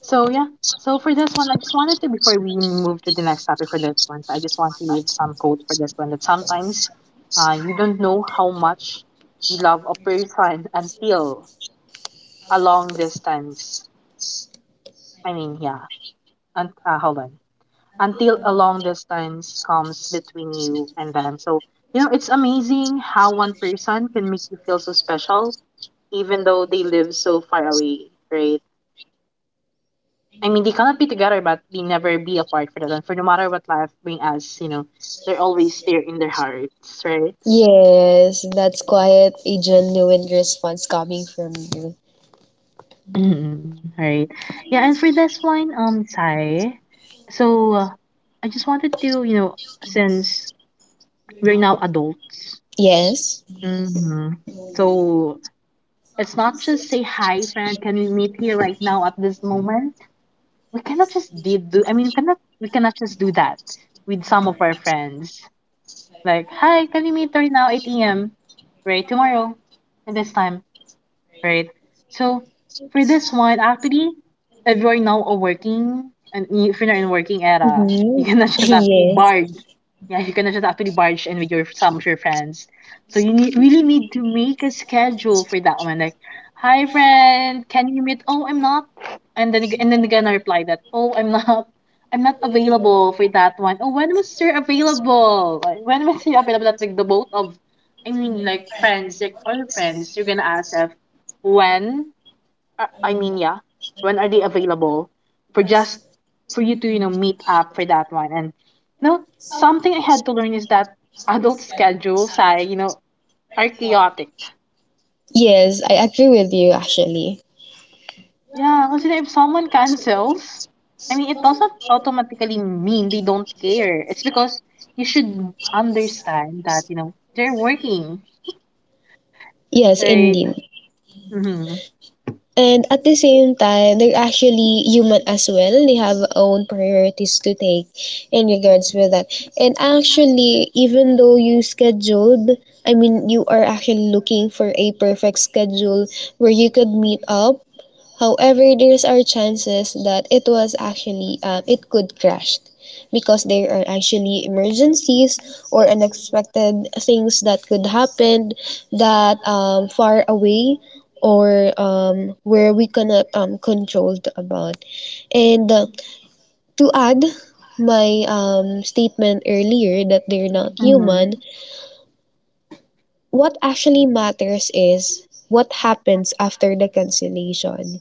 A: So yeah. So for this one, I just wanted to before we move to the next topic for this one, I just want to leave some quote for this one that sometimes uh, you don't know how much you love a person until a long distance. I mean, yeah. And uh, hold on. Until a long distance comes between you and them. So you know, it's amazing how one person can make you feel so special, even though they live so far away, right? I mean, they cannot be together, but they never be apart for that one. For no matter what life bring us, you know, they're always there in their hearts, right?
B: Yes, that's quite a genuine response coming from you.
A: Mm, right. Yeah, and for this one, um, Sai, so uh, I just wanted to, you know, since we're now adults,
B: Yes.
A: mm-hmm. So it's not just say hi, friend. Can we meet here right now at this moment? We cannot just did do. I mean, we cannot we cannot just do that with some of our friends. Like, hi, can we meet right now, eight a m? Right, tomorrow, at this time, right? So for this one, actually, if you're now a working and you- if you're not in working era, you
B: Mm-hmm.
A: cannot just actually
B: Yes.
A: barge. Yeah, you cannot just actually barge in with your some of your friends. So you need, really need to make a schedule for that one. Like, hi friend, can you meet? Oh, I'm not. And then ag- and then again I reply that, oh, I'm not. I'm not available for that one. Oh, when was you available? Like, when was you available? That, Like the both of I mean, like friends, like all your friends, you're gonna ask if when uh, I mean yeah when are they available for just for you to you know meet up for that one. And you know something I had to learn is that adult schedules, I you know are chaotic.
B: Yes, I agree with you actually.
A: Yeah, because if someone cancels, I mean, it doesn't automatically mean they don't care. It's because you should understand that you know they're working,
B: Yes,
A: right?
B: indeed.
A: Mm-hmm.
B: And at the same time, they're actually human as well. They have own priorities to take in regards with that. And actually, even though you scheduled, I mean, you are actually looking for a perfect schedule where you could meet up. However, there's are chances that it was actually um, it could crash because there are actually emergencies or unexpected things that could happen that um, far away or um, where we cannot um, control about. And uh, to add my um, statement earlier that they're not
A: Mm-hmm.
B: human, what actually matters is what happens after the cancellation.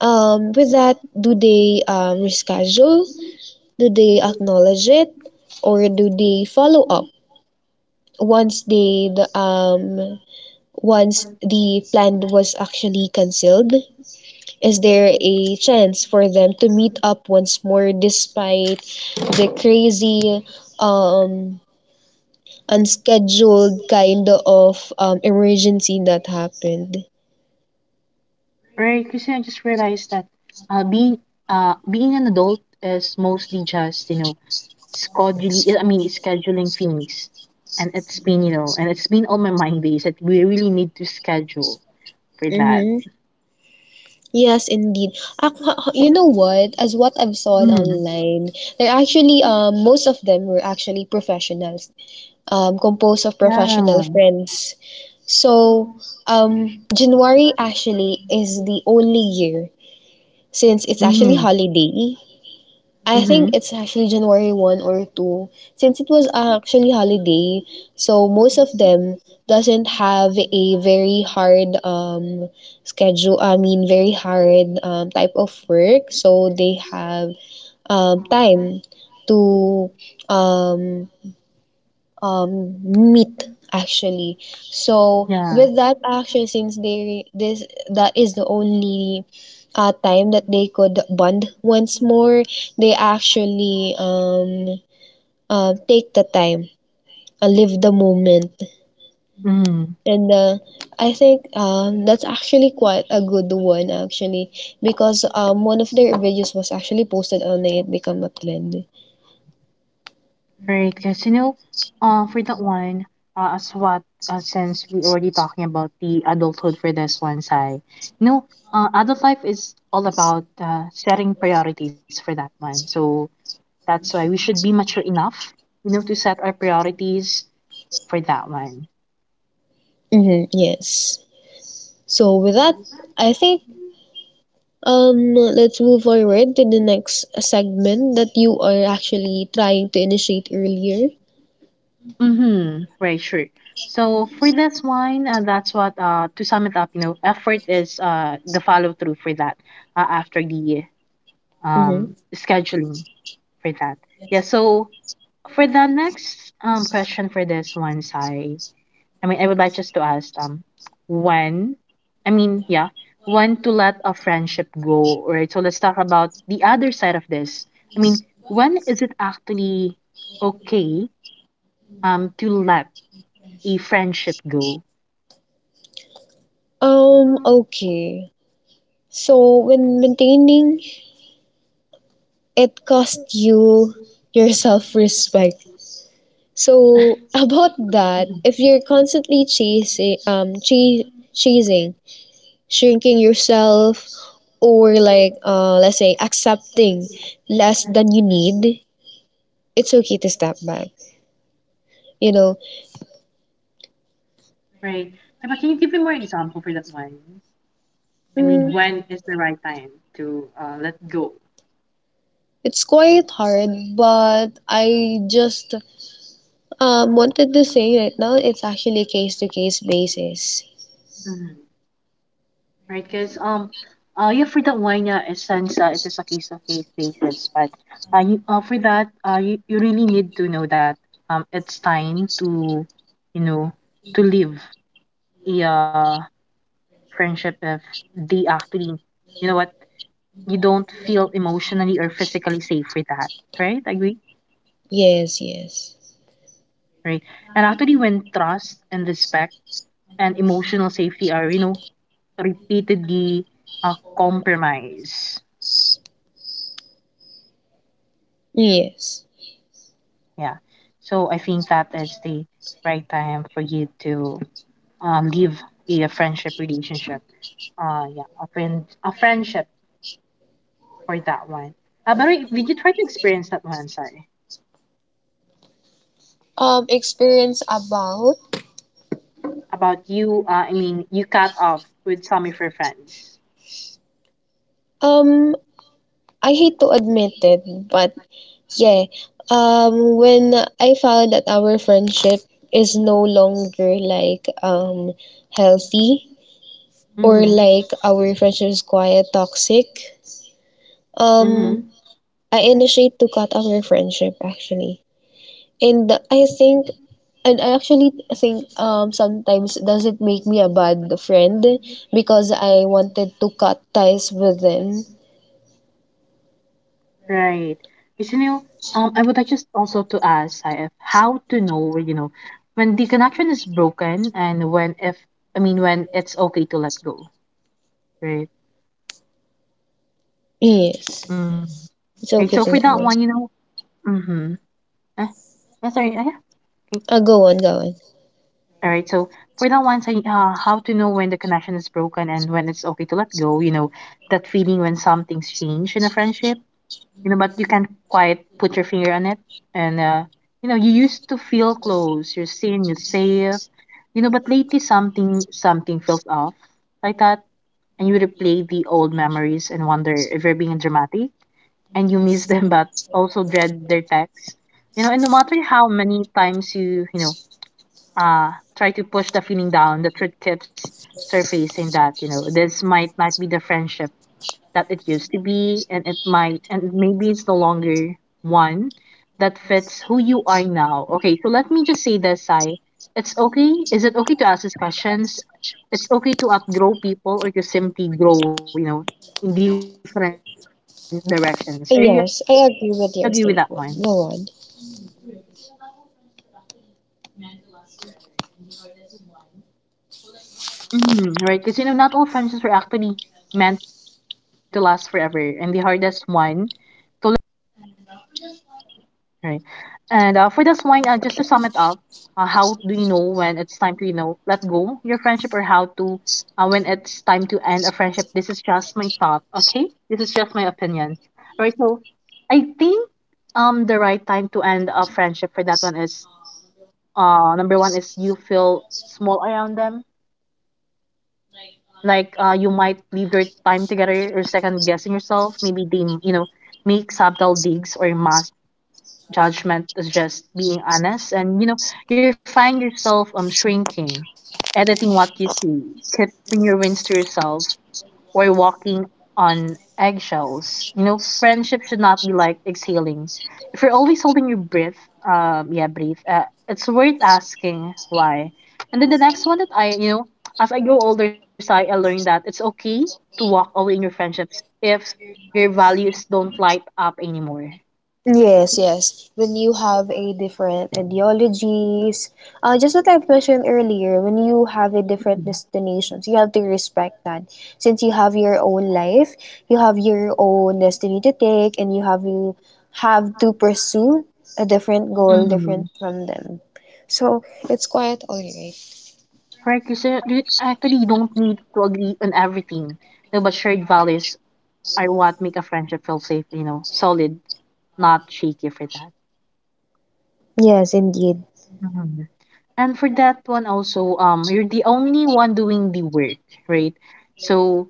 B: Um, with that, do they um, reschedule? Do they acknowledge it, or do they follow up once they the um once the plan was actually cancelled? Is there a chance for them to meet up once more despite the crazy um unscheduled kind of um emergency that happened?
A: Right, because I just realized that uh, being uh, being an adult is mostly just you know scheduling. I mean, scheduling things, and it's been you know, and it's been on my mind days that we really need to schedule for that.
B: Mm-hmm. Yes, indeed. Ac- You know what? As what I've saw
A: Mm-hmm.
B: online, they're actually um, most of them were actually professionals, um, composed of professional
A: Yeah.
B: friends. So um, January actually is the only year since it's actually
A: Mm-hmm.
B: holiday. I
A: Mm-hmm.
B: think it's actually January one or two, since it was actually holiday, so most of them doesn't have a very hard um schedule, I mean very hard um, type of work, so they have um time to um um, myth actually. So
A: Yeah.
B: with that actually, since they this that is the only uh, time that they could bond once more, they actually um, uh, take the time, uh, live the moment,
A: Mm-hmm.
B: and uh, I think um, that's actually quite a good one actually, because um, one of their videos was actually posted on it become a trend.
A: Right, because you know, uh, for that one, uh, as what uh, since we already talking about the adulthood for this one side, you know, uh, adult life is all about uh, setting priorities for that one. So that's why we should be mature enough, you know, to set our priorities for that one.
B: Mm-hmm, yes. So with that, I think Um, let's move forward to the next segment that you are actually trying to initiate earlier.
A: Mm-hmm. Right, sure. So for this one, uh, that's what uh to sum it up, you know, effort is uh the follow through for that uh, after the
B: Mm-hmm.
A: um scheduling, for that. Yeah, so for the next um question for this one, Sai, I mean, I would like just to ask um when I mean, yeah, when to let a friendship go, right? So let's talk about the other side of this. I mean, when is it actually okay um to let a friendship go?
B: Um, okay. So when maintaining it cost you your self-respect. So about that,
A: Mhm.
B: if you're constantly chasing um ch- chasing, shrinking yourself, or like uh let's say accepting less than you need, it's okay to step back. You know,
A: Right. Yeah, but can you give me more example for that one? I
B: mm,
A: mean, when is the right time to uh, let go?
B: it's quite hard, but I just um, wanted to say right now it's actually case to case basis.
A: Right, because um, uh, yeah, for that wine, uh, since uh, it is a case of case basis, but uh, you, uh, for that, uh, you, you really need to know that um, it's time to, you know, to leave a uh, friendship if they actually, you know what, you don't feel emotionally or physically safe with that, right? Agree,
B: Yes, yes,
A: right? And actually, when trust and respect and emotional safety are, you know, repeatedly uh, compromised.
B: yes.
A: Yeah. So I think that is the right time for you to uh, leave a friendship relationship. Uh, yeah, a friend, a friendship for that one. Uh, by the way, did you try to experience that one? Sorry,
B: Um, experience about
A: about you. Uh, I mean, you cut off with some of your friends.
B: um, I hate to admit it, but yeah. Um, when I found that our friendship is no longer like um healthy, or
A: Mm-hmm.
B: like our friendship is quite toxic.
A: Mm-hmm.
B: Um, I initiate to cut our friendship actually. And I think, and I actually think um, sometimes does it make me a bad friend because I wanted to cut ties with them.
A: Right. Because, you know, um, I would like just also to ask Sai, if how to know, you know, when the connection is broken and when if I mean when it's okay to let go. Right.
B: Yes,
A: Mm-hmm.
B: it's
A: Right,
B: okay
A: so
B: to
A: for
B: let
A: that
B: me.
A: one, you know, mm-hmm. Eh, yeah, sorry, uh, yeah. Okay.
B: Uh, go on, go on.
A: All right, so for that one, so, uh, how to know when the connection is broken and when it's okay to let go, you know, that feeling when something's changed in a friendship, you know, but you can't quite put your finger on it. And, uh, you know, you used to feel close, you're seen, you're safe, you know, but lately something, something feels off like that. And you replay the old memories and wonder if you're being dramatic, and you miss them but also dread their texts. You know, and no matter how many times you, you know, uh try to push the feeling down, the truth keeps surfacing that, you know, this might not be the friendship that it used to be, and it might and maybe it's no longer one that fits who you are now. Okay, so let me just say this, I It's okay. Is it okay to ask these questions? It's okay to outgrow people or to simply grow, you know, in different directions.
B: Uh,
A: Are you
B: yes, I
A: agree with
B: agree
A: that
B: with your
A: one?
B: statement. Go on.
A: Mhm, right, because you know, not all friendships are actually meant to last forever, and the hardest one to let go are often the ones that have history but no longer have harmony, right? And uh, for this one, uh, just to sum it up, uh, how do you know when it's time to, you know, let go your friendship, or how to, uh, when it's time to end a friendship? This is just my thought, okay? This is just my opinion. All right, so I think um the right time to end a friendship for that one is: Uh, number one is you feel small around them. Like, uh, you might leave your time together or second guessing yourself. Maybe they, you know, make subtle digs or mass judgment is just being honest. And you know, you find yourself um shrinking, editing what you see, keeping your wins to yourself, we're walking on eggshells. You know, friendship should not be like exhaling. If you're always holding your breath, um, yeah, breathe. Uh, it's worth asking why. And then the next one that I, you know, as I grow older, Sai, I learned that it's okay to walk away in your friendships if your values don't light up anymore.
B: Yes, yes. When you have a different ideologies, uh, just what I've mentioned earlier, when you have a different destinations, you have to respect that. Since you have your own life, you have your own destiny to take, and you have you have to pursue a different goal,
A: Mm-hmm.
B: different from them. So it's quite all right.
A: Right, kasi you actually you don't need to agree on everything. No, but shared values are what make a friendship feel safe, you know, solid, not shaky for that.
B: Yes, indeed.
A: Mhm. And for that one also, um, you're the only one doing the work, right? So,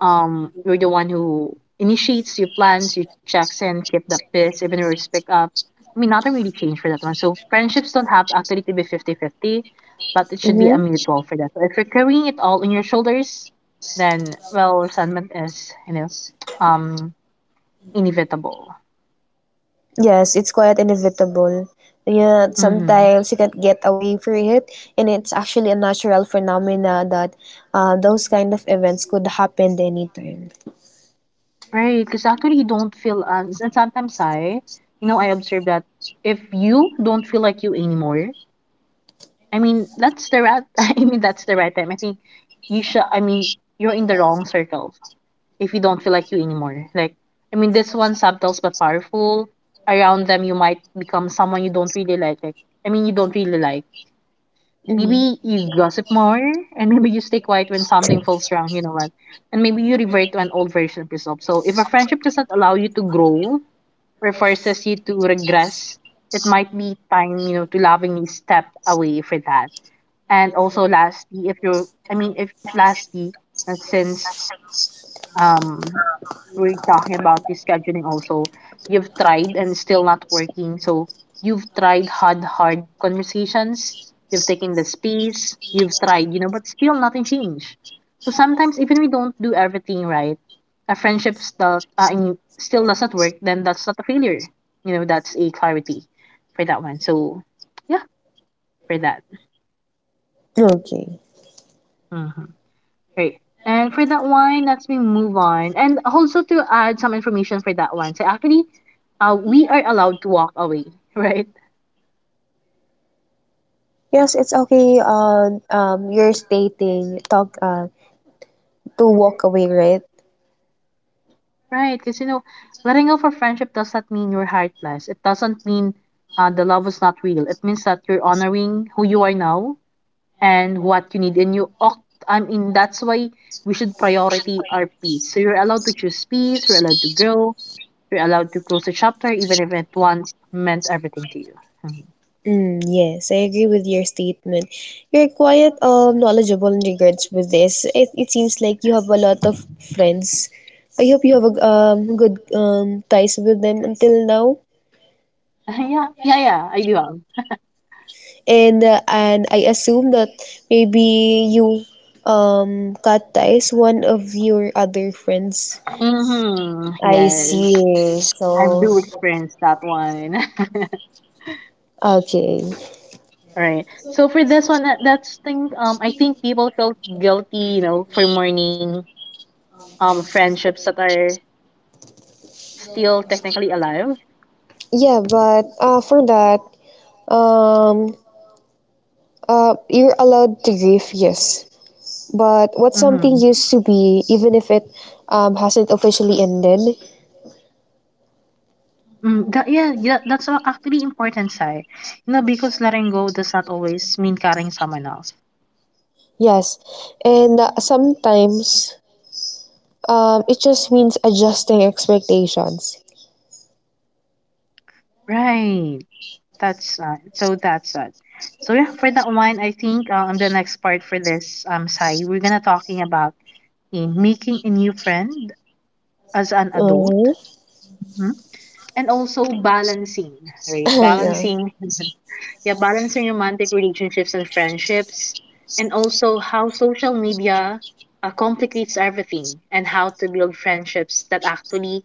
A: um, you're the one who initiates, you plans, you checks in, keep the pace, even yours pick up. I mean, nothing really changed for that one. So friendships don't have actually to be fifty-fifty, but it should be a
B: Mm-hmm.
A: mutual for that. So if you're carrying it all on your shoulders, then well, resentment is, you know, um, inevitable.
B: Yes, it's quite inevitable. Yeah,
A: Mm-hmm.
B: sometimes you can't get away from it, and it's actually a natural phenomena that uh, those kind of events could happen anytime.
A: Right, because actually you don't feel ans, and sometimes I, you know, I observe that if you don't feel like you anymore, I mean, that's the right, I mean, that's the right time. I think you should, I mean, you're in the wrong circles if you don't feel like you anymore. Like, I mean, this one subtle but powerful. Around them, you might become someone you don't really like. Like, I mean, you don't really like.
B: Mm.
A: Maybe you gossip more, and maybe you stay quiet when something feels wrong. You know what? And maybe you revert to an old version of yourself. So if a friendship does not allow you to grow or forces you to regress, it might be time, you know, to lovingly step away for that. And also lastly, if you're I mean if lastly, and since um we're talking about the scheduling also, you've tried and still not working. So you've tried hard, hard conversations. You've taken the space. You've tried, you know, but still nothing changed. So sometimes even we don't do everything right, a friendship still, uh, I mean, still does not work. Then that's not a failure. You know, that's a clarity for that one. So yeah, for that.
B: Okay.
A: Mhm. Right. And for that one, let's me move on. And also to add some information for that one. So actually, uh, we are allowed to walk away, right?
B: Yes, it's okay. Uh, um, you're stating talk uh, to walk away, right?
A: Right. Because you know, letting go for friendship does not mean you're heartless. It doesn't mean uh, the love was not real. It means that you're honoring who you are now and what you need. And you, oc- I mean, That's why we should priority our peace. So you're allowed to choose peace. You're allowed to grow. You're allowed to close a chapter, even if it once meant everything to you. Mhm.
B: Mm, yes, I agree with your statement. You're quite um, knowledgeable in regards with this. It, it seems like you have a lot of friends. I hope you have a um, good um, ties with them until now.
A: Yeah, yeah, yeah, I do have.
B: And uh, and I assume that maybe you um, cut ties one of your other friends.
A: Mhm,
B: I
A: yes.
B: see.
A: I
B: So,
A: do experience that one.
B: okay.
A: Right. So for this one, that- that's thing. Um, I think people felt guilty, you know, for mourning um friendships that are still technically alive.
B: Yeah, but uh, for that, um, uh, you're allowed to grieve, yes. But what something
A: Mm-hmm.
B: used to be, even if it um, hasn't officially ended.
A: Mm, that, yeah, yeah, that's a- actually important, Sai. You know, because letting go does not always mean cutting someone off.
B: Yes. And uh, sometimes um, it just means adjusting expectations.
A: Right. That's not. So that's it. So yeah, for that one, I think um the next part for this um Sai, we're gonna talking about in making a new friend as an adult,
B: Hmm.
A: Mhm. and also balancing, right?
B: Yeah.
A: Balancing, yeah, balancing romantic relationships and friendships, and also how social media uh, complicates everything, and how to build friendships that actually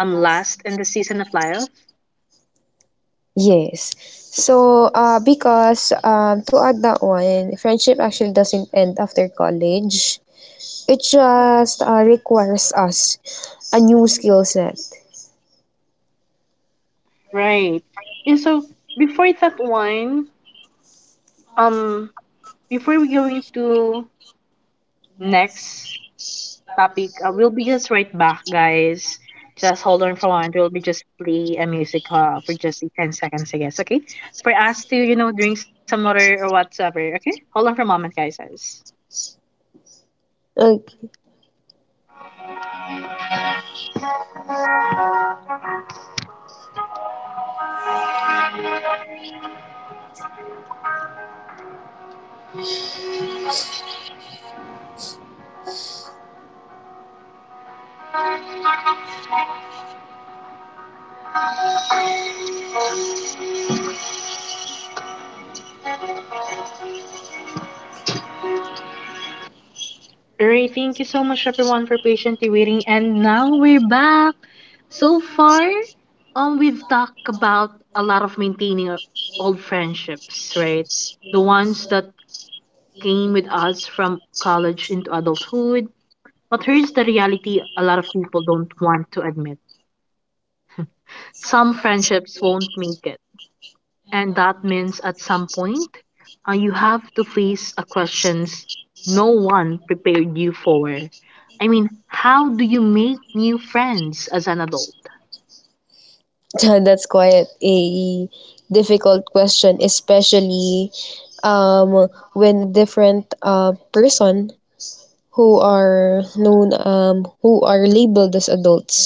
A: um last in the season of life.
B: Yes. So, uh, because um, to add that one, friendship actually doesn't end after college. It just uh, requires us a new skill set.
A: Right. Yeah, so before that one, um, before we going to next topic, uh, we'll be just right back, guys. Just hold on for a moment. We'll be just play a music uh, for just ten seconds, I guess, okay? For us to, you know, drink some water or whatsoever, okay? Hold on for a moment, guys.
B: Like,
A: Alright, thank you so much everyone for patiently waiting. And now we're back. So far, um, we've talked about a lot of maintaining our old friendships, right? The ones that came with us from college into adulthood. But here's the reality a lot of people don't want to admit. Some friendships won't make it. And that means at some point, uh, you have to face a questions no one prepared you for. I mean, how do you make new friends as an adult?
B: that's quite a difficult question, especially um, when different uh, person who are known, um, who are labeled as adults.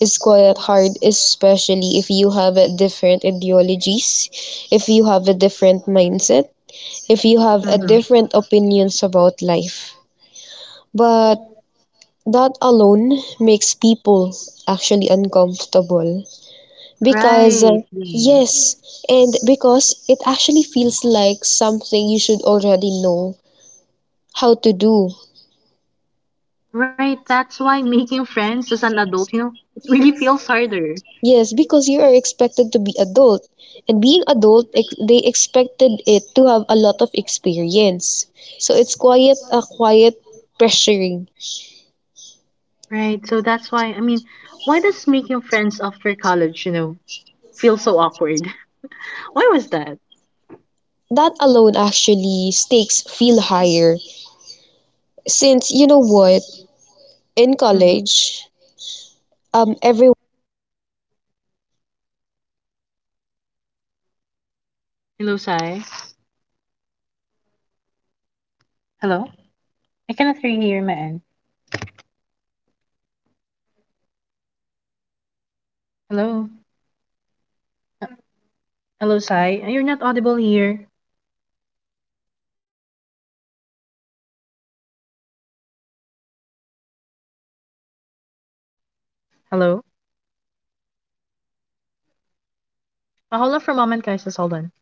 B: It's quite hard, especially if you have a different ideologies, if you have a different mindset, if you have a
A: Mm-hmm.
B: different opinions about life. But that alone makes people actually uncomfortable because, uh,
A: Right. Yeah.
B: yes, and because it actually feels like something you should already know how to do.
A: Right, that's why making friends as an adult, you know, it really feels harder.
B: Yes, because you are expected to be adult. And being adult, ex- they expected it to have a lot of experience. So it's quiet, a quiet pressuring.
A: Right, so that's why, I mean, why does making friends after college, you know, feel so awkward? Why was that?
B: That alone actually stakes feel higher. Since, you know what, in
A: Mhm.
B: college, um, everyone's looking for connection. You know?
A: Hello, Sai.
B: Am I audible on your end?
A: Hello? I cannot really hear you here, man.
B: Hold on for a moment.
A: Hello?
B: Am I audible?
A: Hello, Sai. Uh, You're not audible here.
B: Hold on. Hello?
A: Hello? Uh, hold on for a moment, guys. Just hold on.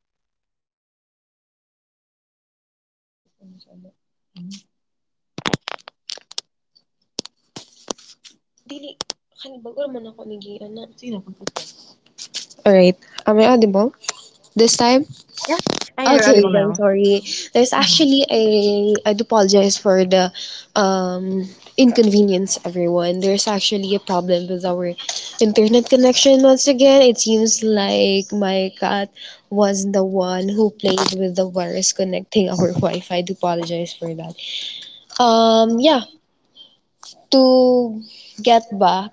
B: Alright. Am I audible? This time?
A: Yeah? Ah, yeah, you're
B: Okay,
A: audible
B: then
A: now.
B: sorry. There's actually
A: Mhm.
B: a I do apologize for the um inconvenience everyone. There's actually a problem with our internet connection once again. It seems like my cat was the one who played with the virus connecting our Wi-Fi. I do apologize for that. Um yeah, to get back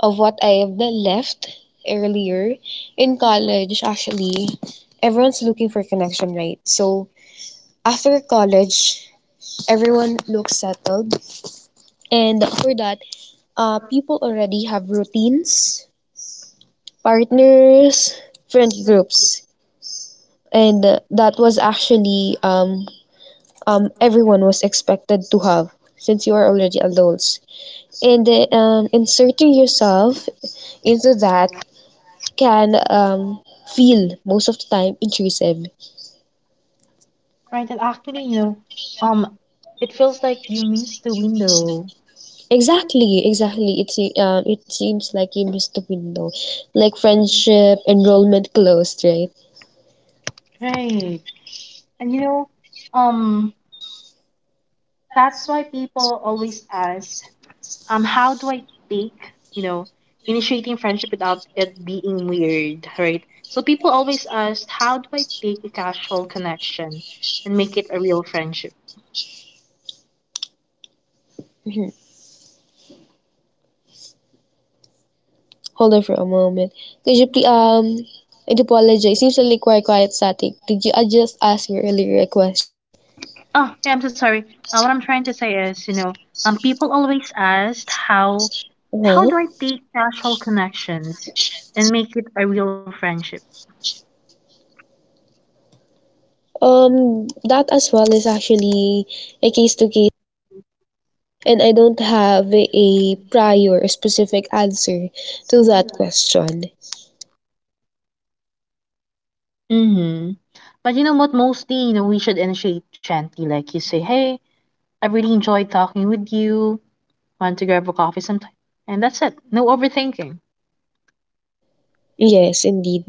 B: of what I've left earlier in college, actually, everyone's looking for connection, right? So after college, everyone looks settled, and for that, uh, people already have routines, partners, friend groups, and uh, that was actually um, um, everyone was expected to have since you are already adults. And uh, um, inserting yourself into that can um, feel most of the time intrusive.
A: Right, and actually, you know, um, it feels like you missed the window.
B: Exactly, exactly. It se- um, it seems like you missed the window, like friendship enrollment closed, right?
A: Right. And you know, um, that's why people always ask, um, how do I bake, you know, initiating friendship without it being weird, right? So people always ask, how do I take a casual connection and make it a real friendship?
B: Mhm. Hold on for a moment. Could you please um? I do apologize. Seems like quite quiet static. Did you I just ask me earlier a question?
A: Oh, yeah, I'm so sorry. Uh, what I'm trying to say is, you know, um, people always ask how how
B: Huh?
A: do I take casual connections and make it a real friendship?
B: Um, that as well is actually a case to case basis, and I don't have a prior specific answer to that question.
A: Mm-hmm. But you know what? Mostly, you know, we should initiate gently. Like you say, "Hey, I really enjoyed talking with you. Want to grab a coffee sometime?" And that's it. No overthinking.
B: Yes, indeed.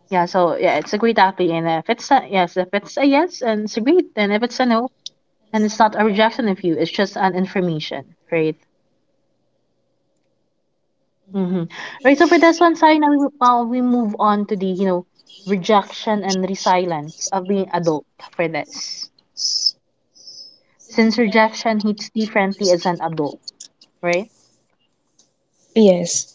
A: Yeah. So yeah, it's a great athlete. And if it's a yes, if it's a yes, and it's a great. And if it's a no, then it's not a rejection of you. It's just an information, right? Mm-hmm. Right. So for this one, Sai, now we, uh, we move on to the, you know, rejection and resilience of being adult for this. Since rejection hits differently as an adult, right?
B: Yes.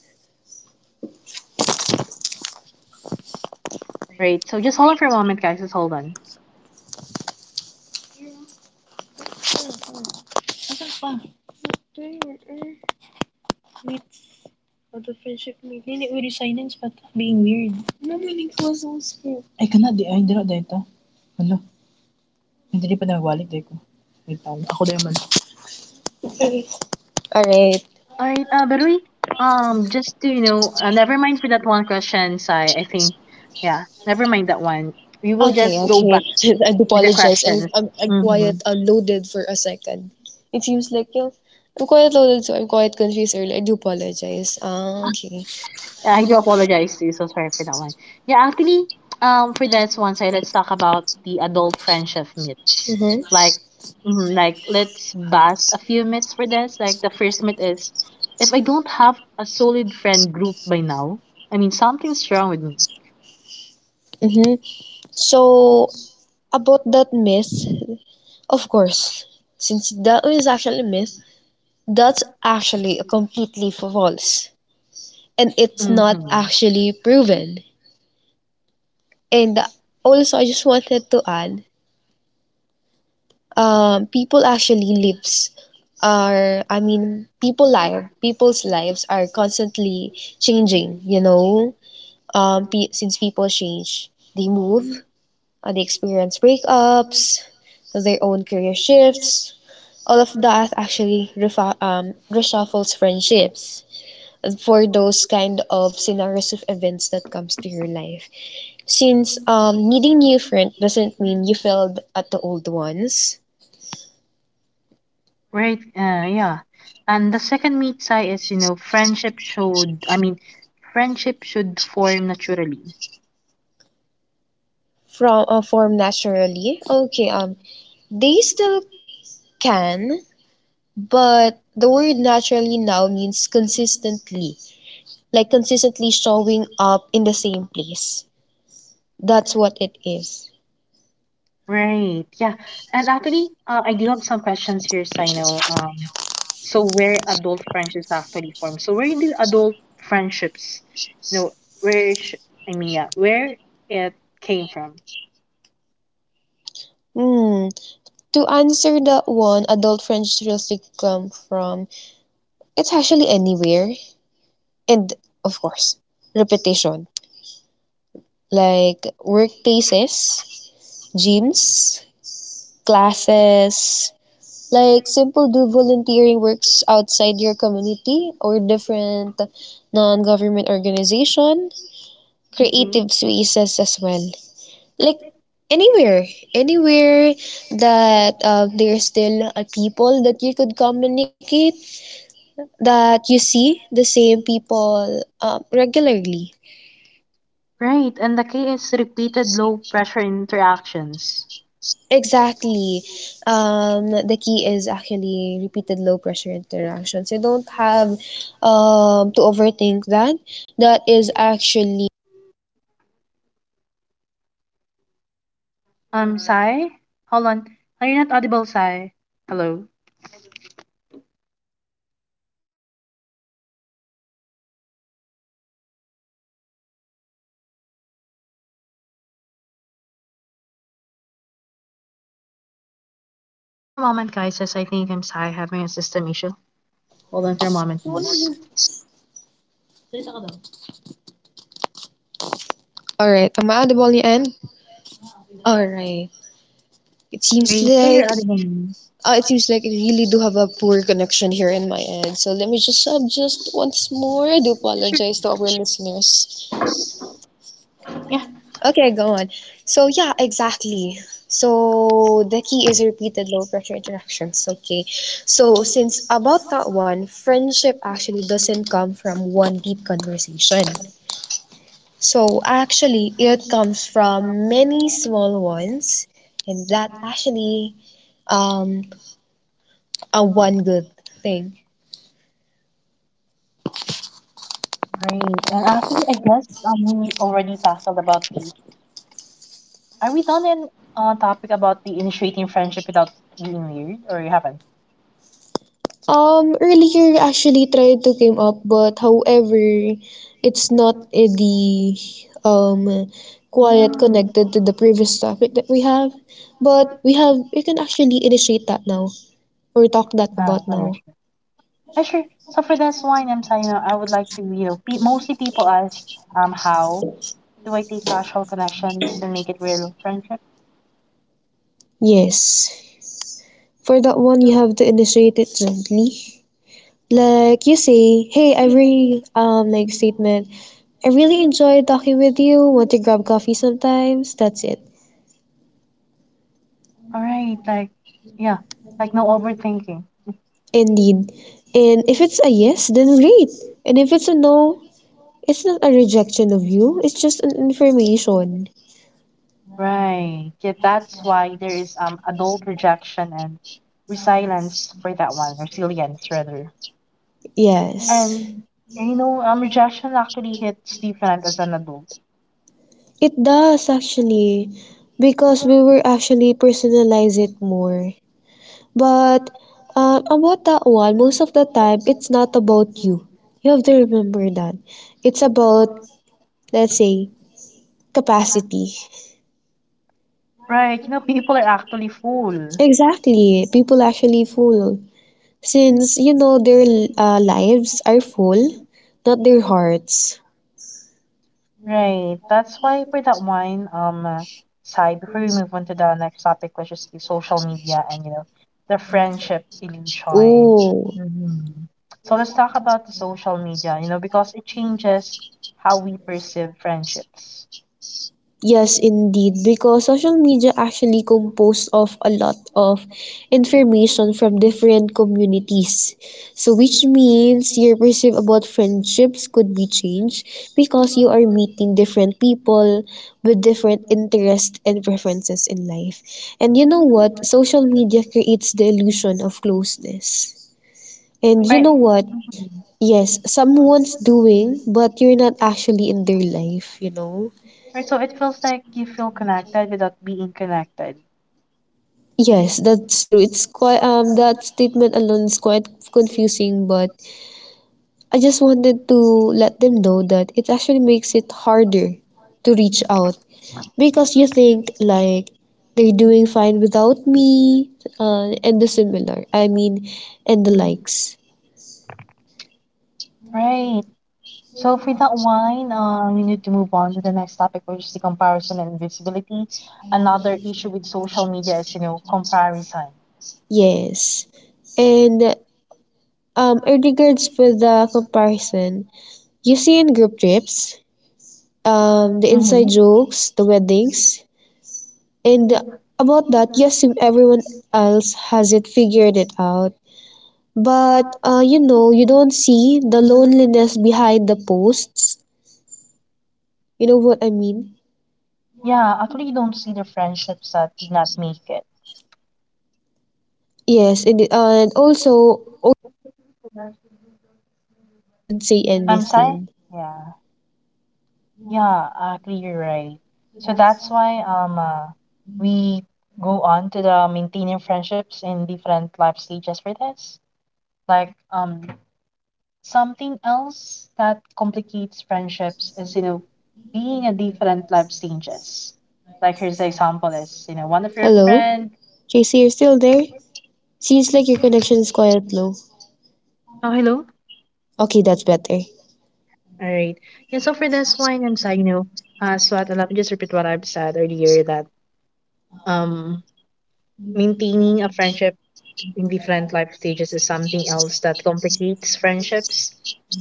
A: Right. So just hold on for a moment, guys. Just hold on.
B: Right.
A: All right. Uh, but we, um, just to, you know, uh, never mind for that one question, Sai. I think, yeah, never mind that one. We will
B: Okay,
A: just go
B: okay.
A: back
B: I
A: with the
B: apologize. I,
A: questions.
B: I'm, i
A: Mm-hmm.
B: quiet uh, loaded for a second. It seems like you I'm quite loaded, so I'm quite confused earlier. I do apologize. Ah, okay.
A: Yeah, I do apologize to you. So sorry for that one. Yeah, actually, um, for this one side, let's talk about the adult friendship myths.
B: Mm-hmm.
A: Like, mhm, like let's bust a few myths for this. Like the first myth is, if I don't have a solid friend group by now, I mean something's wrong with me.
B: Mm-hmm. So, about that myth, of course, since that is actually a myth, that's actually a completely false. And it's not
A: Mm-hmm.
B: actually proven. And also, I just wanted to add um, people actually lives are I mean people live people's lives are constantly changing, you know, um, pe- since people change, they move, uh, they experience breakups, their own career shifts, all of that actually refa- um, reshuffles friendships for those kind of scenarios of events that comes to your life, since um, needing new friend doesn't mean you failed at the old ones.
A: Right. Uh, yeah. And the second myth side is, you know, friendship should. I mean, friendship should form naturally.
B: From uh, form naturally. Okay, um, they still can, but the word naturally now means consistently, like consistently showing up in the same place. That's what it is.
A: Right. Yeah. And actually, uh, I do have some questions here, Sino. Um, so where adult friendships actually form. So where do adult friendships, you know, where sh- I mean, yeah, where it came from.
B: Hmm. To answer that one, adult French realistic come from it's actually anywhere, and of course, repetition, like workplaces, gyms, classes, like simple do volunteering works outside your community or different non-government organization,
A: Hmm.
B: creative spaces as well. Like anywhere, anywhere that um, there's still a people that you could communicate, that you see the same people um, regularly.
A: Right. And the key is repeated low pressure interactions.
B: Exactly. Um, the key is actually repeated low pressure interactions. You don't have um, to overthink that. That is actually so natural interaction comes from a
A: Um,
B: natural.
A: Sai, hold on. Are you not audible, Sai? Hello.
B: Hold on for a moment. How about this one? How about this one?
A: Hold on for a moment, guys, as I think I'm Sai having a system issue. Hold on for a moment, please.
B: All right. Am I audible on your end? All right. It
A: All
B: seems
A: right. Yeah,
B: like
A: you're audible now.
B: Uh, it seems like I really do have a poor connection here in my end. So let me just adjust once more. I do
A: Sure.
B: apologize to our listeners.
A: Yeah.
B: Okay, go on. So yeah, exactly. So the key is repeated low pressure interactions. Okay. So since about that one, friendship actually doesn't come from one deep conversation. So actually it comes from many small ones, and that actually um a one good thing.
A: Great. And actually, I guess um, we already tackled about the. Are we done in uh, topic about the initiating friendship without being weird, or you haven't?
B: Um, earlier actually tried to came up, but however, it's not eh, the um quiet
A: Hmm.
B: connected to the previous topic that we have. But we have we can actually initiate that now or talk that
A: Oh,
B: about
A: okay,
B: now.
A: sure. Uh, sure. So for this one, I'm saying, you know, I would like to, you know, pe mostly people ask, um, how do I take casual connections and make it real friendship?
B: Yes. For that one, you have to initiate it gently. Like you say, hey, every um like statement. I really enjoyed talking with you. Want to grab coffee sometimes? That's it.
A: All right, like, yeah, like no overthinking.
B: Indeed. And if it's a yes, then great. And if it's a no, it's not a rejection of you, it's just an information.
A: Right. Yeah, that's why there is um adult rejection and resilience for that one, resilience rather.
B: Yes.
A: And you know, um rejection actually hits different as an adult.
B: It does actually, because we will actually personalize it more. But uh, about that one, most of the time it's not about you. You have to remember that. It's about let's say capacity.
A: Right. You know, people are actually full.
B: Exactly. People actually fool, since you know their uh, lives are full, not their hearts.
A: Right. That's why for that one, um uh, side, before we move on to the next topic, which is the social media and you know, the friendship illusion.
B: Oh,
A: Mm-hmm. So let's talk about the social media, you know, because it changes how we perceive friendships.
B: yes, indeed, because social media actually composed of a lot of information from different communities. So, which means your perceive about friendships could be changed because you are meeting different people with different interests and preferences in life. And you know what? Social media creates the illusion of closeness. And you
A: Right.
B: know what?
A: Mhm.
B: Yes, someone's doing, but you're not actually in their life, you know?
A: Right, so it feels like you feel connected without being connected.
B: Yes, that's true. It's quite um that statement alone is quite confusing, but I just wanted to let them know that it actually makes it harder to reach out because you think like they're doing fine without me, uh, and the similar. I mean, and the likes.
A: Right. So for that one, um, we need to move on to the next topic, which is the comparison and visibility. Another issue with social media is, you know, comparison.
B: Yes. And um in regards with the comparison, you see in group trips, um, the inside
A: Mm-hmm.
B: jokes, the weddings, and about that, yes, everyone else has it figured it out. But uh, you know, you don't see the loneliness behind the posts. You know what I mean?
A: Yeah, actually, you don't see the friendships that did not make it.
B: Yes, and it- uh, and also, or the people actually who felt excluded but didn't say
A: I'm sorry?
B: anything.
A: Yeah. Yeah, actually, you're right. So that's why um uh, we go on to the maintaining friendships in different life stages for this. Like um something else that complicates friendships is you know being at different life stages. Like here's the example is you know one of your
B: Hello,
A: friend.
B: J C, you're still there? Seems like your connection is quite low.
A: Oh hello.
B: Okay, that's better.
A: All right. Yeah. So for this one, I'm sorry. You know, uh, so I'd- let me just repeat what I've said earlier that um maintaining a friendship in different life stages is something else that complicates friendships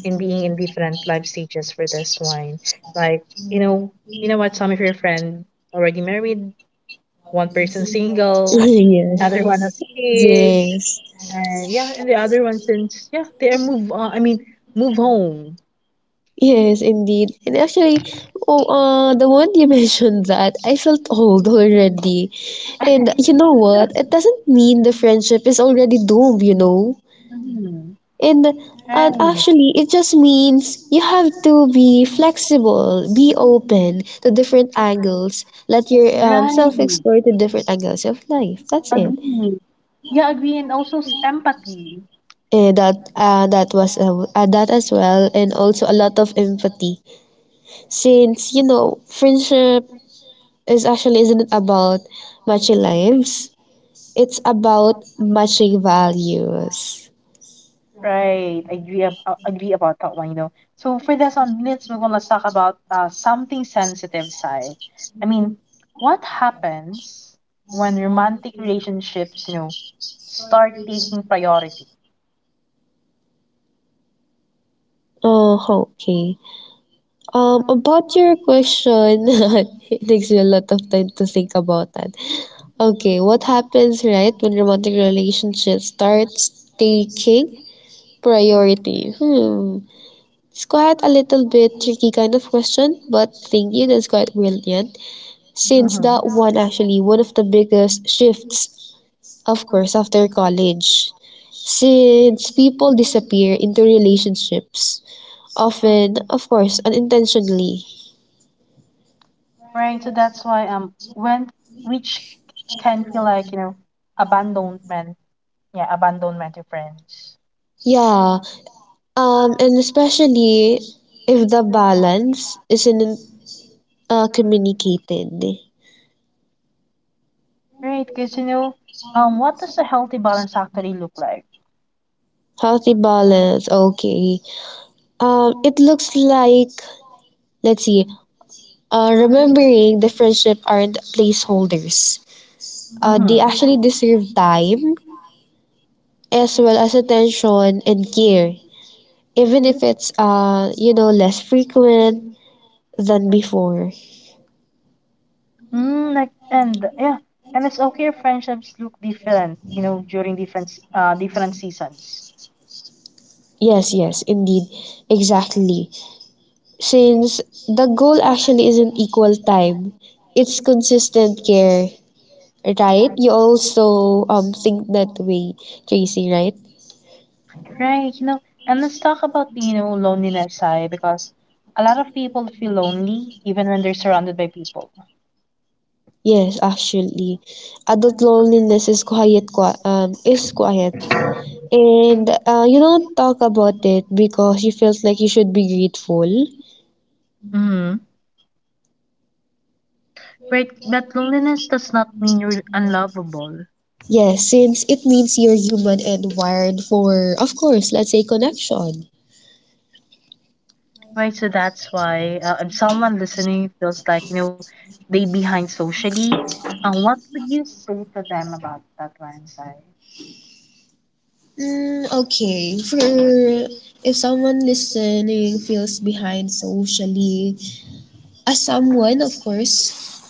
A: in being in different life stages for this one. Like, you know, you know what, some of your friend already married, one person single,
B: Yes.
A: another one has kids,
B: Yes.
A: and yeah, and the other one since yeah, they are move on I mean move home.
B: Yes, indeed. And actually, oh, uh, the one you mentioned that, I felt old already. And you know what? It doesn't mean the friendship is already doomed, you know?
A: Mhm.
B: And, and
A: Right.
B: actually, it just means you have to be flexible, be open to different angles, let your um, self
A: Right.
B: explore to different angles of life. That's it.
A: Agree. Yeah, agree. And also s- empathy.
B: And that uh, that was uh, uh, that as well, and also a lot of empathy since you know friendship is actually isn't about matching lives. It's about matching values.
A: Right. I agree, ab- uh, agree about that one, you know. So for this on minutes, move, are gonna talk about uh, something sensitive side. I mean, what happens when romantic relationships, you know, start taking priority?
B: Oh, okay. Um, about your question, it takes me a lot of time to think about that. Okay, what happens, right, when romantic relationship starts taking priority. Hmm. It's quite a little bit tricky kind of question, but thank you, that's quite brilliant. Since
A: Hmm.
B: that one actually one of the biggest shifts of course, after college. Since people disappear into relationships, often, of course, unintentionally.
A: Right. So that's why um when which can feel like, you know, abandonment. Yeah, abandonment to friends.
B: Yeah, um, and especially if the balance isn't uh, communicated.
A: Right, because you know, um what does a healthy balance actually look like?
B: Healthy balance, okay. Um, it looks like, let's see, uh, remembering the friendship aren't placeholders. Uh, they
A: Mm-hmm.
B: actually deserve time as well as attention and care, even if it's uh you know less frequent than before.
A: Mm, like and yeah, and it's okay if friendships look different, you know, during different s- uh different seasons.
B: Yes, yes, indeed, exactly, since the goal actually isn't equal time, it's consistent care. Right, you also um think that way, Tracy, right?
A: Right, you know, and let's talk about you know loneliness I because a lot of people feel lonely even when they're surrounded by people.
B: Yes, actually adult loneliness is quiet qui- um is quiet, and uh, you don't talk about it because you felt like you should be grateful.
A: Mm-hmm. Right, but loneliness does not mean you're unlovable.
B: Yes, since it means you're human and wired for, of course, let's say, connection.
A: Right, so that's why uh, if someone listening feels like, you know, they behind socially, uh, what would you say to them about that one, Sai?
B: Mm, okay. For if someone listening feels behind socially, as someone, of course,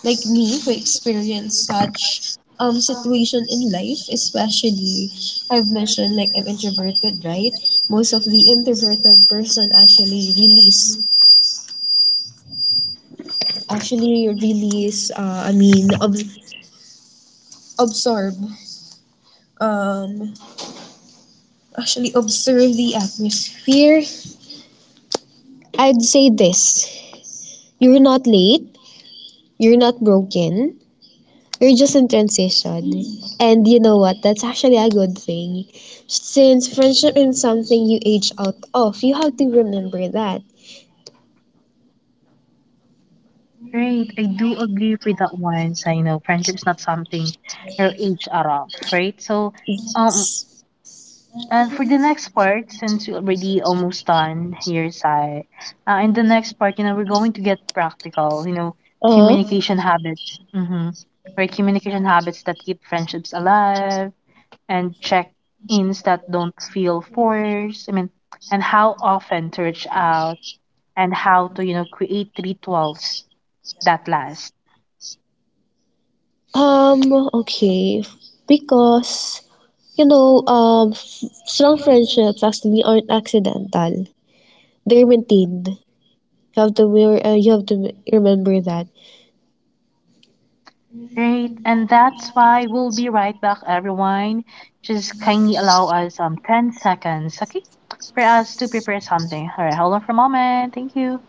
B: like me, who experienced such um situation in life, especially I've mentioned like I'm introverted, right? Most of the introverted person actually release, actually release. Uh, I mean, ob- absorb. Um, actually observe the atmosphere. I'd say this. You're not late. You're not broken. You're just in transition. And you know what? That's actually a good thing. Since friendship is something you age out of, you have to remember that.
A: Right, I do agree with that one, Sai. You know, friendship's not something your age are off, right? So, um, and for the next part, since we're already almost done here, Sai, uh, in the next part, you know, we're going to get practical, you know,
B: Uh,
A: communication habits. Mm-hmm. Right, communication habits that keep friendships alive and check ins that don't feel forced. I mean, and how often to reach out and how to, you know, create rituals that last.
B: um, okay. Because, you know, um, f- strong friendships actually aren't accidental. They're maintained. You have to, re- uh, you have to remember that.
A: Right. And that's why we'll be right back, everyone. Just kindly allow us um ten seconds, okay? For us to prepare something. All right, hold on for a moment. Thank you.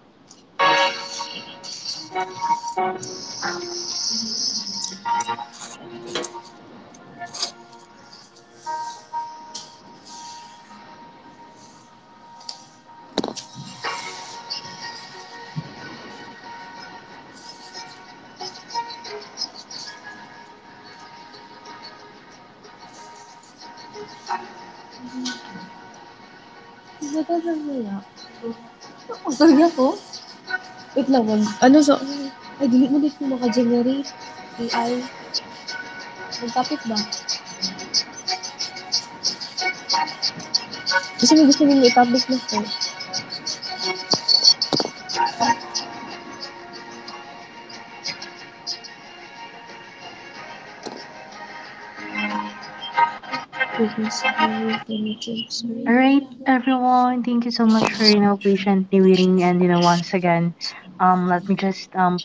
A: All right, everyone. Thank you so much for you know patiently waiting. And you know, once again, um, let me just um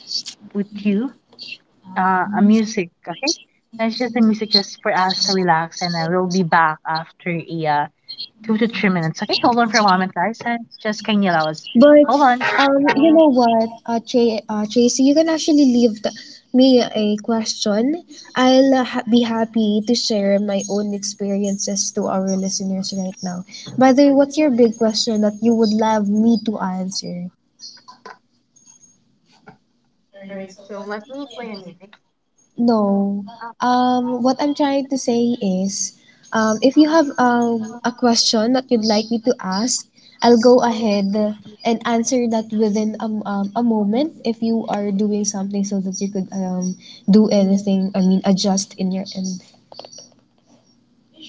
A: put you uh, a music, okay? That's just the music just for us to relax, and I will be back after a uh, two to three minutes. Okay, hold on for a moment, guys, and just can you allow us?
B: But
A: Hold on. Can
B: um, you know what, uh, J- uh, J C, you can actually leave the, me a question. I'll uh, ha- be happy to share my own experiences to our listeners right now. By the way, what's your big question that you would love me to answer?
A: you play a music?
B: No. Um, what I'm trying to say is, um, if you have um, a question that you'd like me to ask, I'll go ahead and answer that within a, m- um, a moment if you are doing something so that you could um, do anything, I mean, adjust in your end.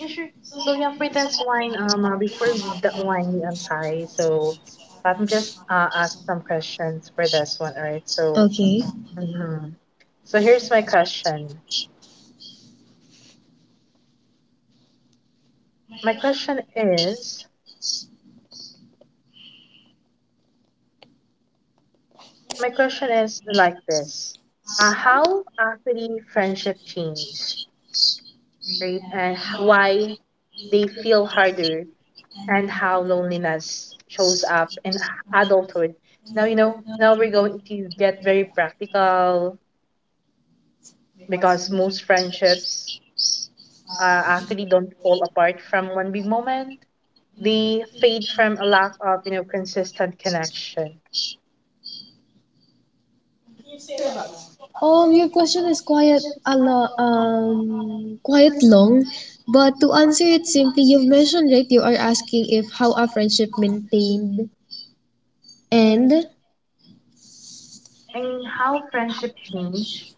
A: Yeah, sure. So yeah, for this wine, um, uh, before we do that wine, I'm sorry. So I'm just uh ask some questions for this one, all right? So,
B: Okay.
A: mhm. So here's my question. My question is, My question is like this. Uh, how actually friendship change, right? And h- why they feel harder and how loneliness shows up in adulthood. Now, you know, now we're going to get very practical because most friendships uh, actually don't fall apart from one big moment. They fade from a lack of, you know, consistent connection.
B: Um, your question is quite a lot, um, quite long, but to answer it simply, you've mentioned, right, you are asking if how a friendship maintained and
A: And I mean, how friendship change.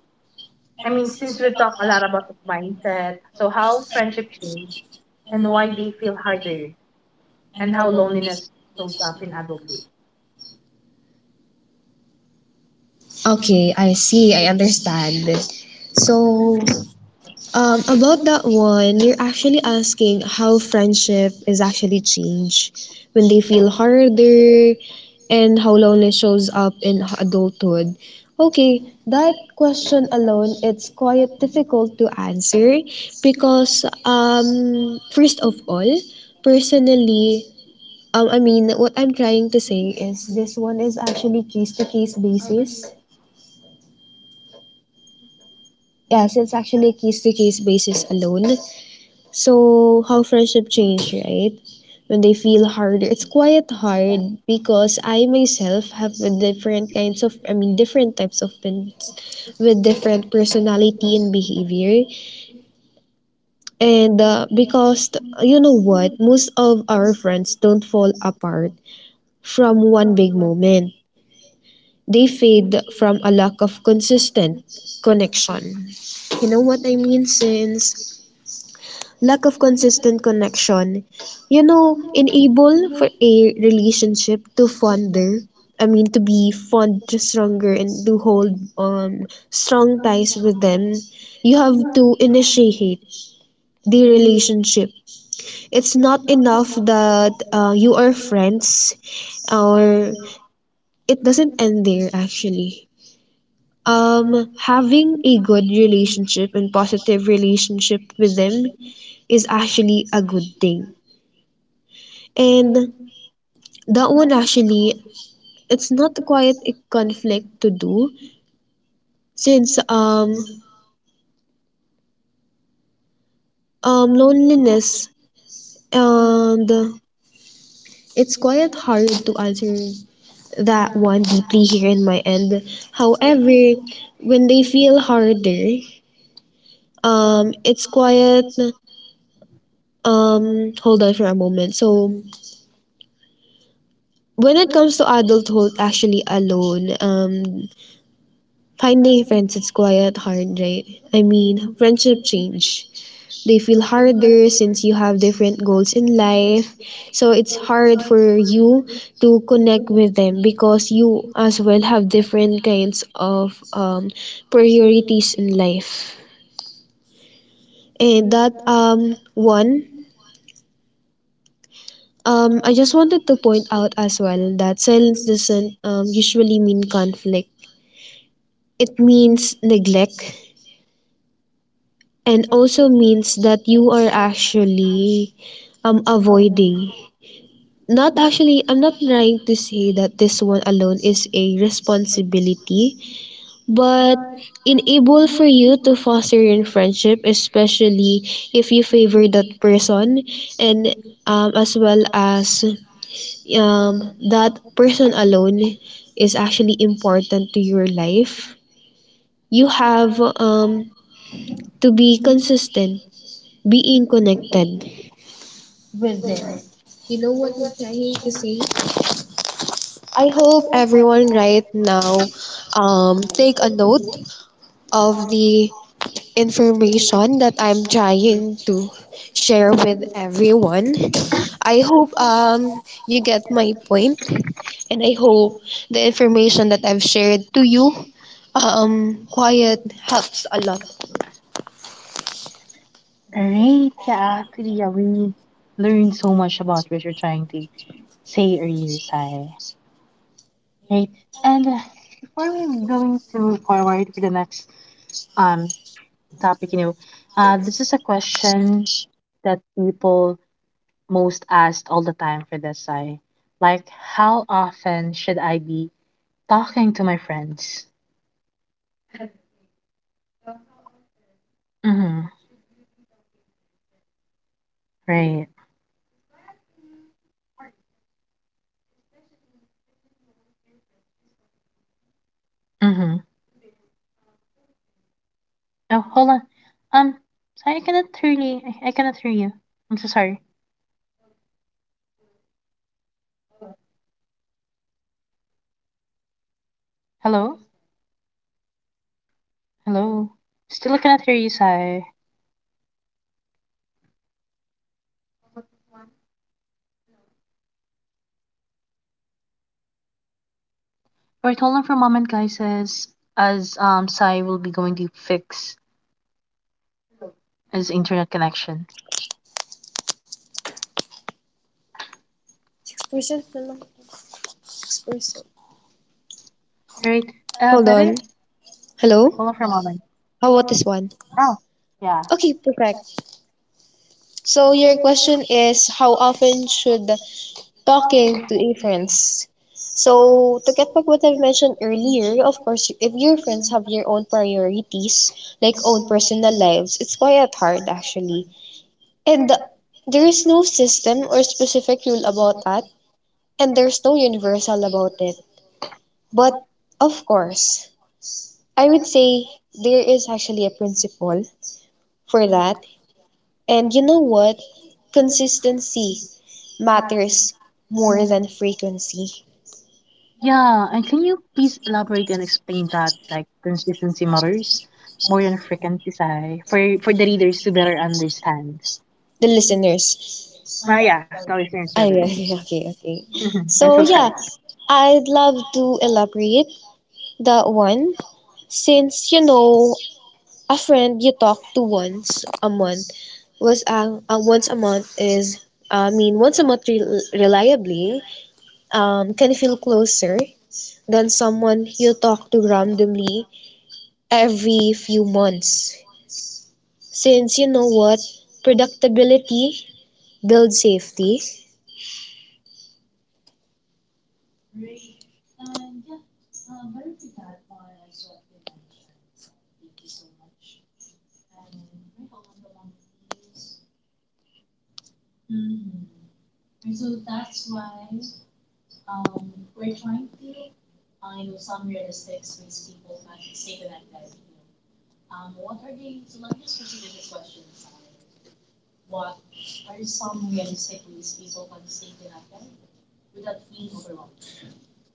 A: I mean, since we've talked a lot about the mindset, so how friendship change and why they feel harder and how loneliness shows up in adulthood.
B: okay, I see. I understand. So, um, about that one, you're actually asking how friendship is actually changed when they feel harder and how loneliness shows up in adulthood. Okay, that question alone, it's quite difficult to answer because, um, first of all, personally, um, I mean, what I'm trying to say is this one is actually case to case basis. Yes, it's actually a case to case basis alone. So, how friendship change, right? When they feel harder, it's quite hard because I myself have with different kinds of, I mean, different types of friends with different personality and behavior. And uh, because, t- you know what, most of our friends don't fall apart from one big moment, they fade from a lack of consistent connection. You know what I mean? Since lack of consistent connection, you know, enable for a relationship to fonder. I mean, to be fond, stronger, and to hold um strong ties with them. You have to initiate the relationship. It's not enough that uh, you are friends, or it doesn't end there actually. um having a good relationship and positive relationship with them is actually a good thing. And that one actually, it's not quite a conflict to do, since um um loneliness, and it's quite hard to answer that one deeply here in my end. However, when they feel harder, um it's quite um hold on for a moment. So when it comes to adulthood actually alone, um finding friends, it's quite hard, right? I mean friendship change, they feel harder since you have different goals in life, so it's hard for you to connect with them because you as well have different kinds of um, priorities in life. And that um one um I just wanted to point out as well that silence doesn't um, usually mean conflict, it means neglect, and also means that you are actually um avoiding. Not actually, I'm not trying to say that this one alone is a responsibility, but enable for you to foster your friendship, especially if you favor that person, and um, as well as um, that person alone is actually important to your life. You have um, to be consistent, being connected with them. You know what I'm trying to say? I hope everyone right now um, take a note of the information that I'm trying to share with everyone. I hope um, you get my point, and I hope the information that I've shared to you um, quiet helps a lot.
A: Right. Yeah, actually, yeah, we learned so much about what you're trying to say earlier, Sai. Right. And uh, before we going to forward for the next um topic, you know, uh, this is a question that people most asked all the time for this I. Like, how often should I be talking to my friends?
B: Wait, so how often
A: Mm-hmm.
B: should you be talking to your friends? Wait,
A: Right.
B: that's quite a hard question, especially when you know your friends is quite busy
A: Mm-hmm.
B: to their um, own priorities.
A: Oh, hold on. Um, sorry, I cannot hear you. I, I cannot hear you. I'm so sorry.
B: Okay. Hello? Hold on. How about
A: Hello?
B: this one? Hello?
A: Hello? Still I cannot hear you, Sai.
B: How about this one? Hello?
A: Alright, hold on for a moment, guys, as, as um, Sai will be going to fix
B: Hello?
A: his internet connection. Alright, uh,
B: Hold on.
A: better? Hold
B: Hello?
A: on for a moment.
B: How about this one?
A: Oh, yeah.
B: Okay, perfect. So your question is how often should talking to a friends. So to get back what I've mentioned earlier, of course, if your friends have your own priorities, like own personal lives, it's quite hard actually. And there is no system or specific rule about that, and there's no universal about it. But of course, I would say there is actually a principle for that. And you know what? Consistency matters more than frequency.
A: Yeah, and can you please elaborate and explain that like consistency matters more than frequency sigh for for the readers to better understand?
B: The listeners,
A: Oh yeah, the listeners
B: I
A: better.
B: yeah yeah, okay, okay.
A: Mhm.
B: So
A: I'm so sorry.
B: yeah, I'd love to elaborate the one since you know a friend you talk to once a month was uh, uh once a month is I mean once a month rel reliably um can feel closer than someone you talk to randomly every few months. Since you know what, predictability builds safety.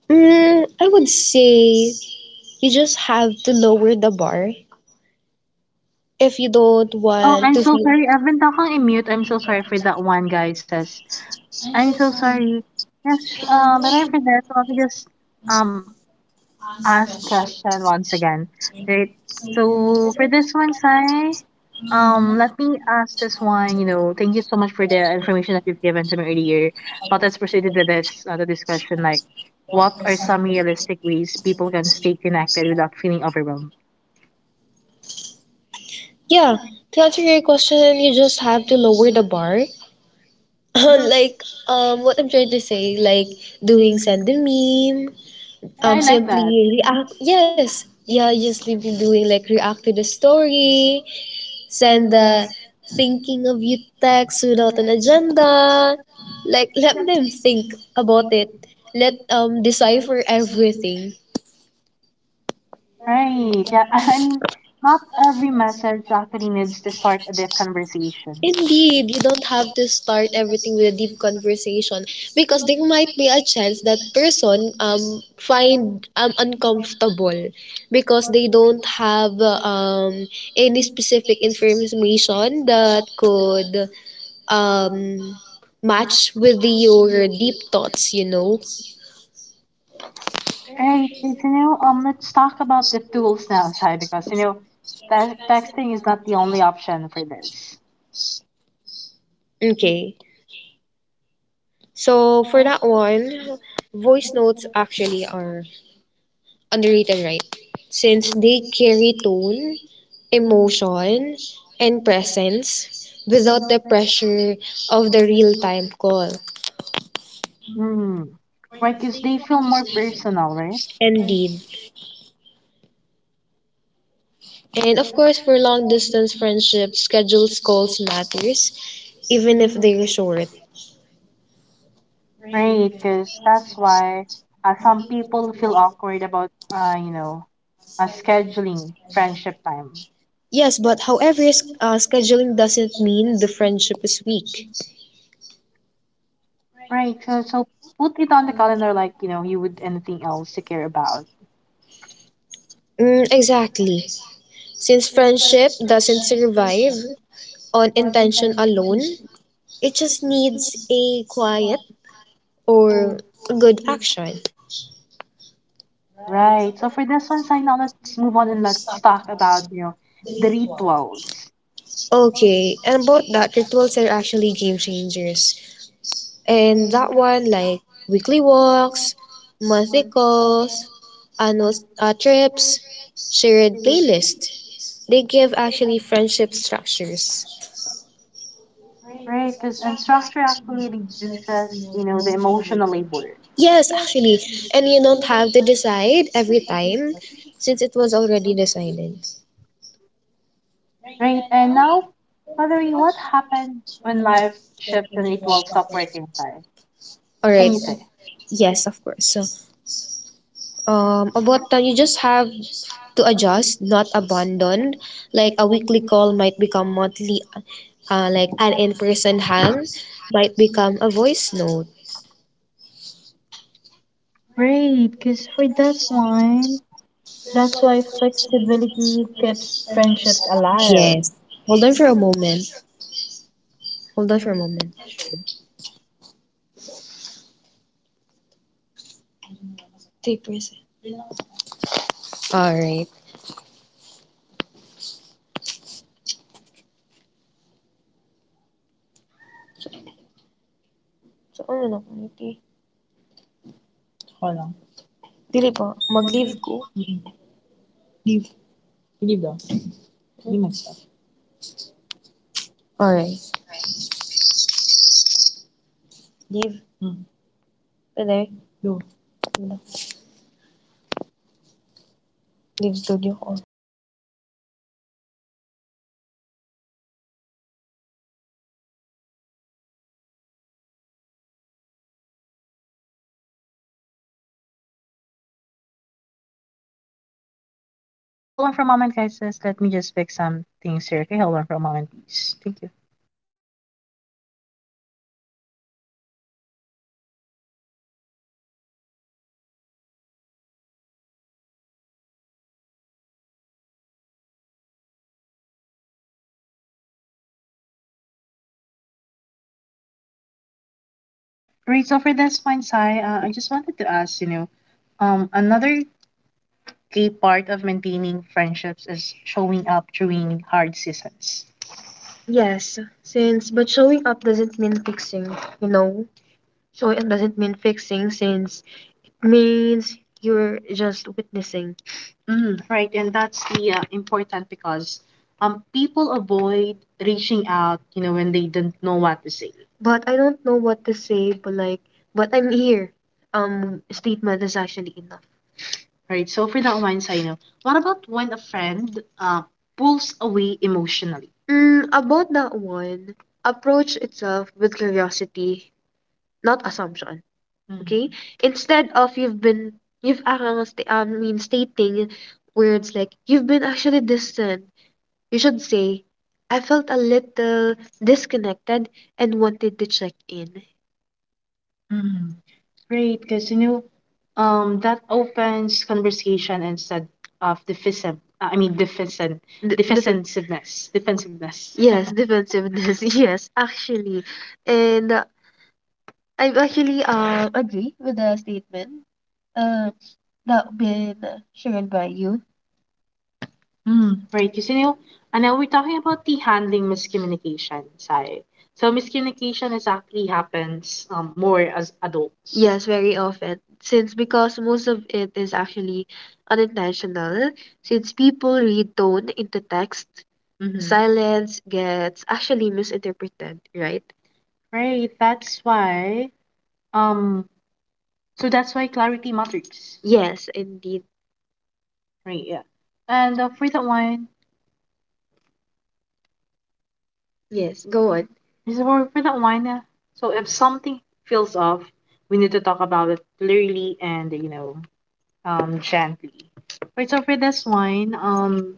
B: Mm, I would say you just have to lower the bar if you don't
A: Oh,
B: want
A: I'm
B: to
A: so
B: feel.
A: sorry. I've been talking in mute. I'm so sorry for that one guy says. I'm so sorry. Yes, sh- uh, but I forgot. So I'll just um ask question once again, right? So for this one, Sai, um, let me ask this one. You know, thank you so much for the information that you've given to me earlier. But let's proceed to this uh, to this question. Like, what are some realistic ways people can stay connected without feeling overwhelmed?
B: Yeah, to answer your question, you just have to lower the bar. Like um, what I'm trying to say, like doing send a meme,
A: Yeah,
B: um,
A: I like
B: simply
A: that.
B: react. Yes, yeah, just simply doing like react to the story, send the thinking of you text without an agenda. Like let them think about it. Let um decipher everything.
A: Right. Yeah. I mean, not every message actually needs to start a deep conversation.
B: Indeed, you don't have to start everything with a deep conversation because there might be a chance that person um find um uncomfortable because they don't have uh, um any specific information that could um match with your deep thoughts, you know.
A: Right. It's, you know, um, let's talk about the tools now, Shai, because, you know, te- texting is not the only option for this.
B: Okay. So for that one, voice notes actually are underrated, right? Since they carry tone, emotion, and presence without the pressure of the real-time call
A: Hmm. Right, because they feel more personal, right?
B: and deed. And of course, for long-distance friendships, schedules calls matters, even if they're short.
A: Right, because that's why uh, some people feel awkward about, uh, you know, uh, scheduling friendship time.
B: Yes, but however, s- uh, scheduling doesn't mean the friendship is weak.
A: Right, so, so put it on the calendar like, you know, you would anything else to care about.
B: Mm, exactly. Since friendship doesn't survive on intention alone, it just needs a quiet or good action.
A: Right, so for this one, Sai, now let's move on and let's talk about, you know, the rituals.
B: Okay, and about that, rituals are actually game changers. And that one, like weekly walks, monthly calls, annual uh, trips, shared playlists. They give actually friendship structures.
A: Right, because structure actually reduces, you know, the emotional labor.
B: Yes, actually. And you don't have to decide every time since it was already decided.
A: Right, and now, Valerie, what happened when life shifts and rituals stop working fine?
B: All
A: What can
B: right.
A: you say?
B: Yes, of course. So, um, about that, you just have to adjust, not abandon. Like a weekly call might become monthly, uh, like an in-person hang might become a voice note.
A: Great, because for this one, that's why flexibility keeps friendships alive.
B: Yes. Hold on for a moment. Hold on for a moment. All right.
A: All
B: All right.
A: right, hold on for a moment, guys. Just let me just fix some things here. Okay, hold on for a moment, please. Thank you. Right, so for this point, Sai, uh, I just wanted to ask, you know, um, another key part of maintaining friendships is showing up during hard seasons. Mm, right, and that's the uh, important because um, people avoid reaching out, you know, when they don't know what to say. Right, so for that one, Sai, you know, what about when a friend uh, pulls away emotionally? Okay, great, because you know, um, that opens conversation instead of defensive. uh, I mean, defensive, defensiveness, defensiveness. Mm, right, because you know, and now we're talking about the handling miscommunication side. So miscommunication is actually happens um, more as adults. Mm-hmm. Right, that's why. Um, so that's why clarity matters, right? Yeah. And uh, for that one, this is for, for that one. Uh, so if something feels off, we need to talk about it clearly and you know, um, gently. Right. So for this one, um,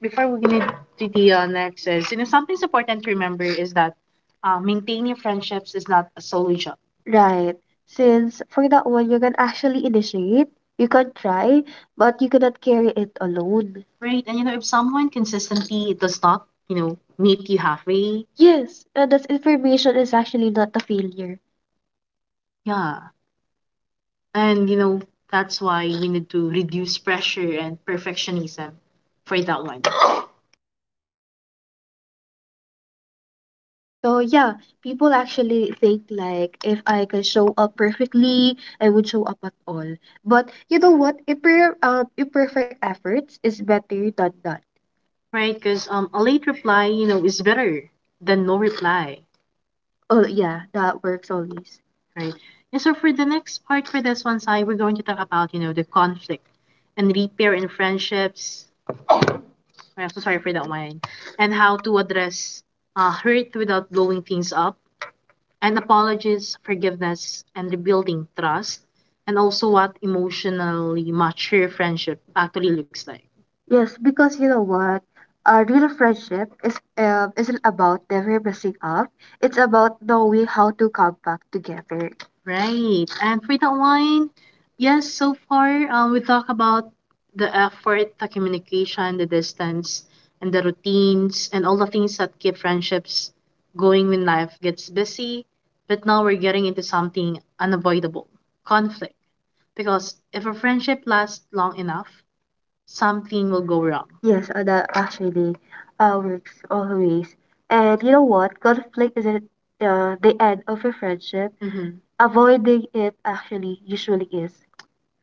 A: before we get to the uh, next is you know something's important to remember is that uh, maintaining friendships is not a solo job, right? And you know if someone consistently does not you know meet you halfway, yeah. And you know, that's why we need to reduce pressure and perfectionism for that one. Right? Because um a late reply, you know, is better than no reply. Right. And so for the next part for this one side, we're going to talk about, you know, the conflict and repair in friendships. I'm so sorry for that one. And how to address uh, hurt without blowing things up. And apologies, forgiveness, and rebuilding trust. And also what emotionally mature friendship actually looks like. Right. And for that one, yes, so far um, we talk about the effort, the communication, the distance, and the routines, and all the things that keep friendships going when life gets busy. But now we're getting into something unavoidable conflict. Because if a friendship lasts long enough, something will go wrong. Mm-hmm.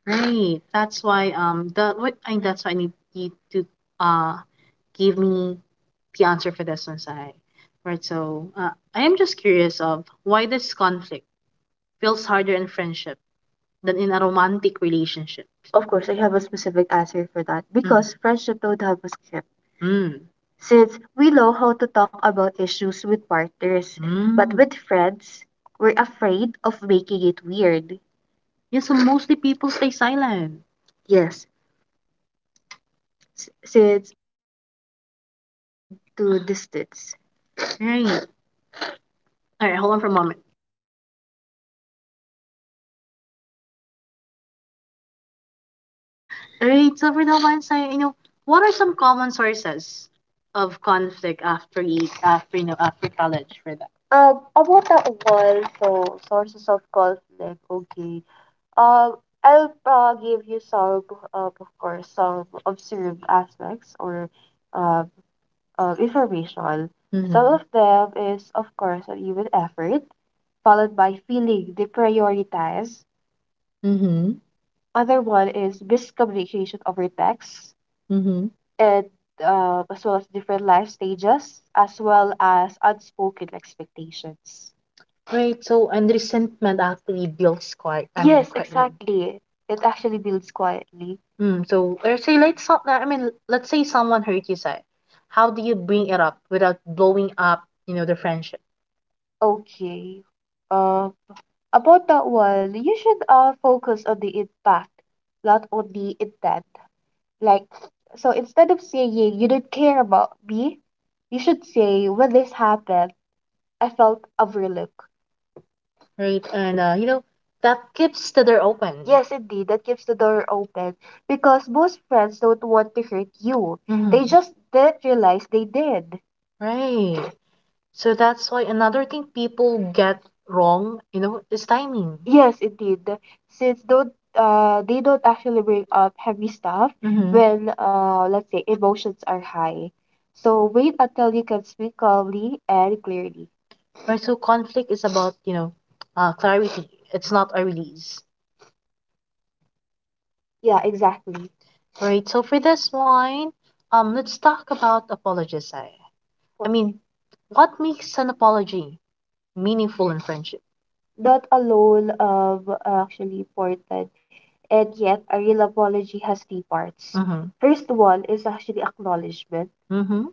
A: Right. That's why um the what I that's why I need you to uh give me the answer for this one, Sai. Right, so uh, I am just curious of why this conflict feels harder in friendship than in a romantic relationship. Mm. Mm. but Mm. Yeah, so mostly people stay silent. Right. All right, hold on for a moment. Right. So for the ones I, you know, what are some common sources of conflict after e- after you know after college for that? Some. Mm-hmm. Mm-hmm. Mm-hmm. Right. So and resentment actually builds quite. I mean, quite. Mm, mm, so let's say let's some. I mean, let's say someone hurt you. Say, how do you bring it up without blowing up? You know the friendship, right? And uh, you know that keeps the door open. They. Mm-hmm. Right. So that's why another thing people get wrong, you know, is timing. Mm-hmm. Right. So conflict is about, you know, uh, clarity. It's not a release. Right. So for this one, um, let's talk about apologies. I, I mean, what makes an apology meaningful in friendship? Mm-hmm.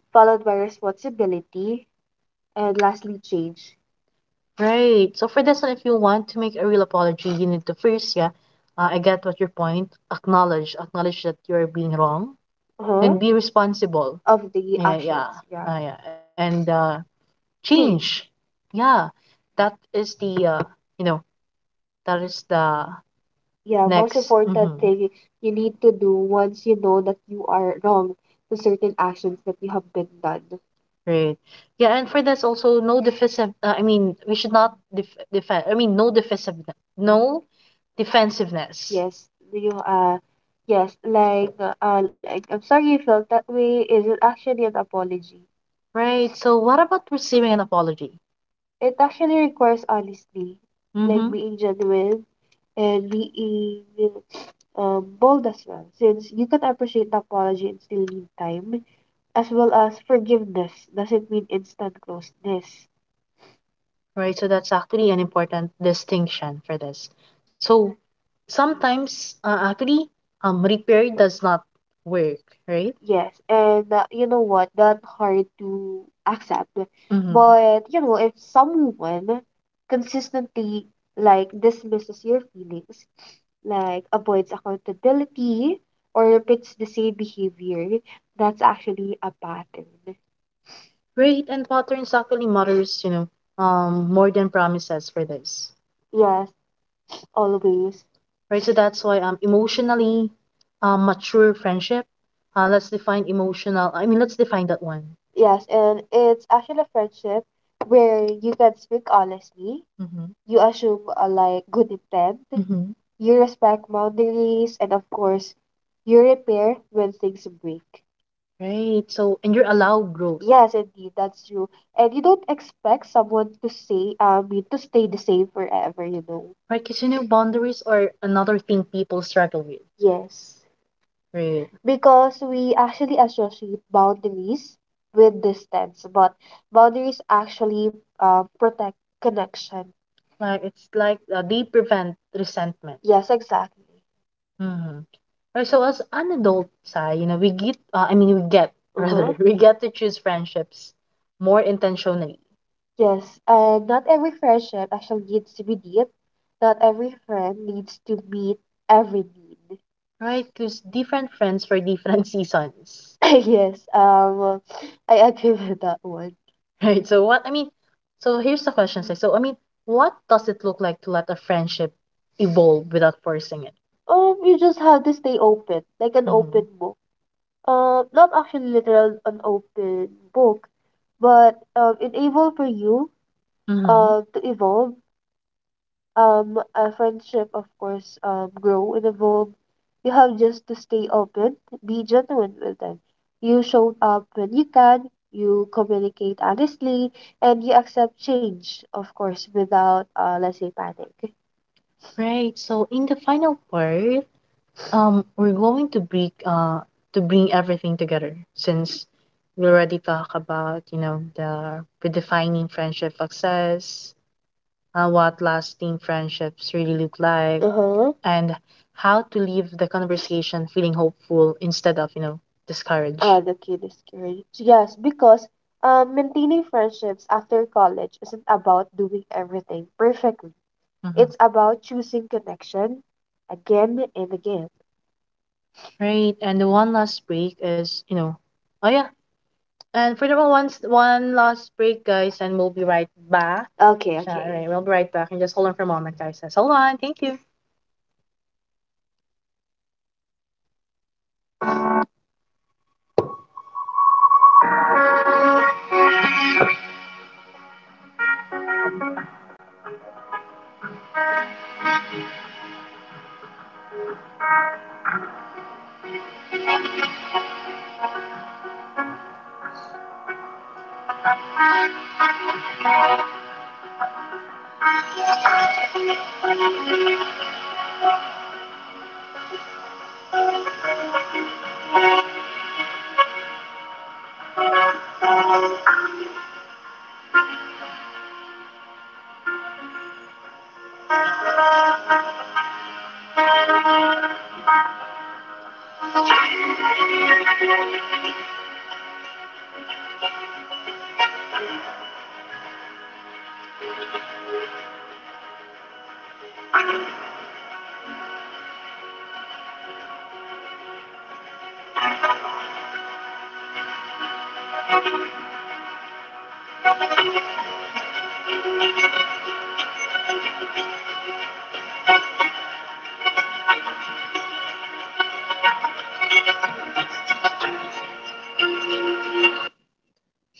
A: Right. So for this one, if you want to make a real apology, you need to first, yeah, uh, I get what your point. Acknowledge, acknowledge that you're being wrong, and. Uh-huh. Be responsible. Yeah, yeah, uh, yeah, and uh, change. Yeah, that is the uh, you know, that is the next. Mm-hmm. Right. Yeah, and for this also no defensive. Uh, I mean, we should not def defend. I mean, No defensive. No defensiveness. uh Right. So what about receiving an apology? Like. Mm-hmm. Right. So that's actually an important distinction for this. So sometimes uh, actually um repair does not work, right? Mm-hmm. Right, and patterns actually matters, you know, um, more than promises for this, right? So that's why um, emotionally um, mature friendship. Uh, let's define emotional. I mean, Let's define that one. Mm-hmm. A. Mm-hmm. Right. So, and you're allowed growth. Right, because you know, boundaries are another thing people struggle with. Right. Like, it's like uh, they prevent resentment. Mm-hmm. Right, so as an adult, Sai, you know, we get, uh, I mean, we get, rather, hmm we get to choose friendships more intentionally, right? Because different friends for different seasons. Right. So what I mean, so here's the question, say. So I mean, what does it look like to let a friendship evolve without forcing it? Mm-hmm. Mm-hmm. Right. So in the final part, um, we're going to bring uh to bring everything together since we already talk about you know the redefining friendship success, uh, what lasting friendships really look like, and how to leave the conversation feeling hopeful instead of, you know, discouraged. Mhm. Right, and the one last break is, you know, oh yeah, and for the one one last break, guys, and we'll be right back. All right, we'll be right back, and just hold on for a moment, guys. Just hold on. Thank you.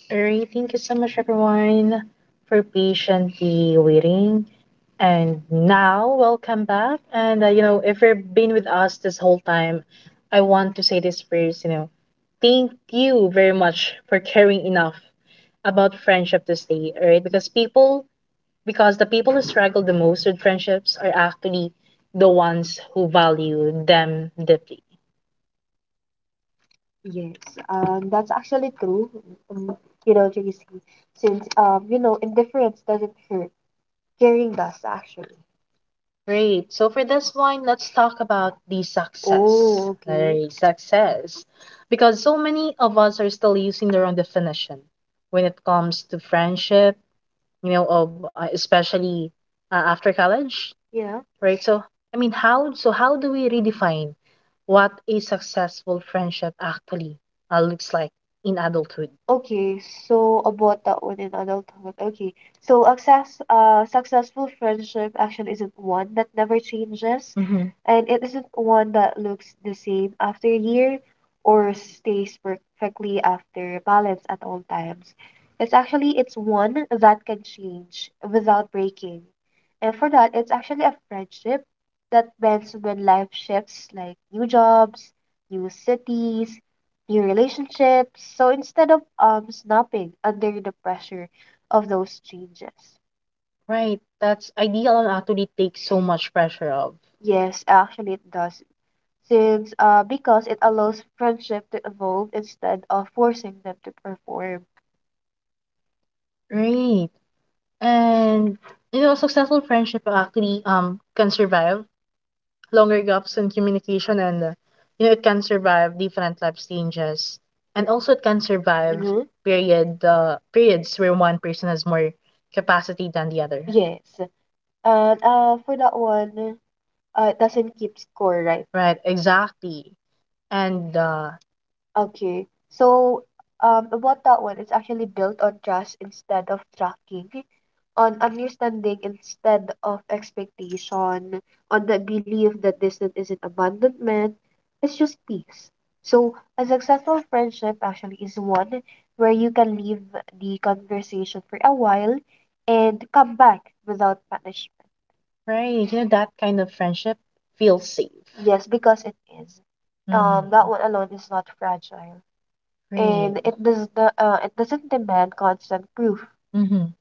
A: Alright, thank you so much everyone for patiently waiting. And now, welcome back. And uh, you know, if you've been with us this whole time, I want to say this first, you know, thank you very much for caring enough about friendship this day, alright? Because people, because the people who struggle the most with friendships are actually the ones who value them deeply. Great. So for this one, let's talk about the success. Right, success. Because so many of us are still using the wrong definition when it comes to friendship, you know, of uh, especially uh, after college, right? So I mean, how so how do we redefine what a successful friendship actually uh, looks like in adulthood? Right. That's ideal and actually takes so much pressure off. Right. And you know, successful friendship actually um can survive longer gaps in communication and uh, you know it can survive different life changes and also it can survive period uh, periods where one person has more capacity than the other. Right. Exactly. And uh, right. You know, that kind of friendship feels safe. Mm-hmm. Mm. Right. Mm-hmm.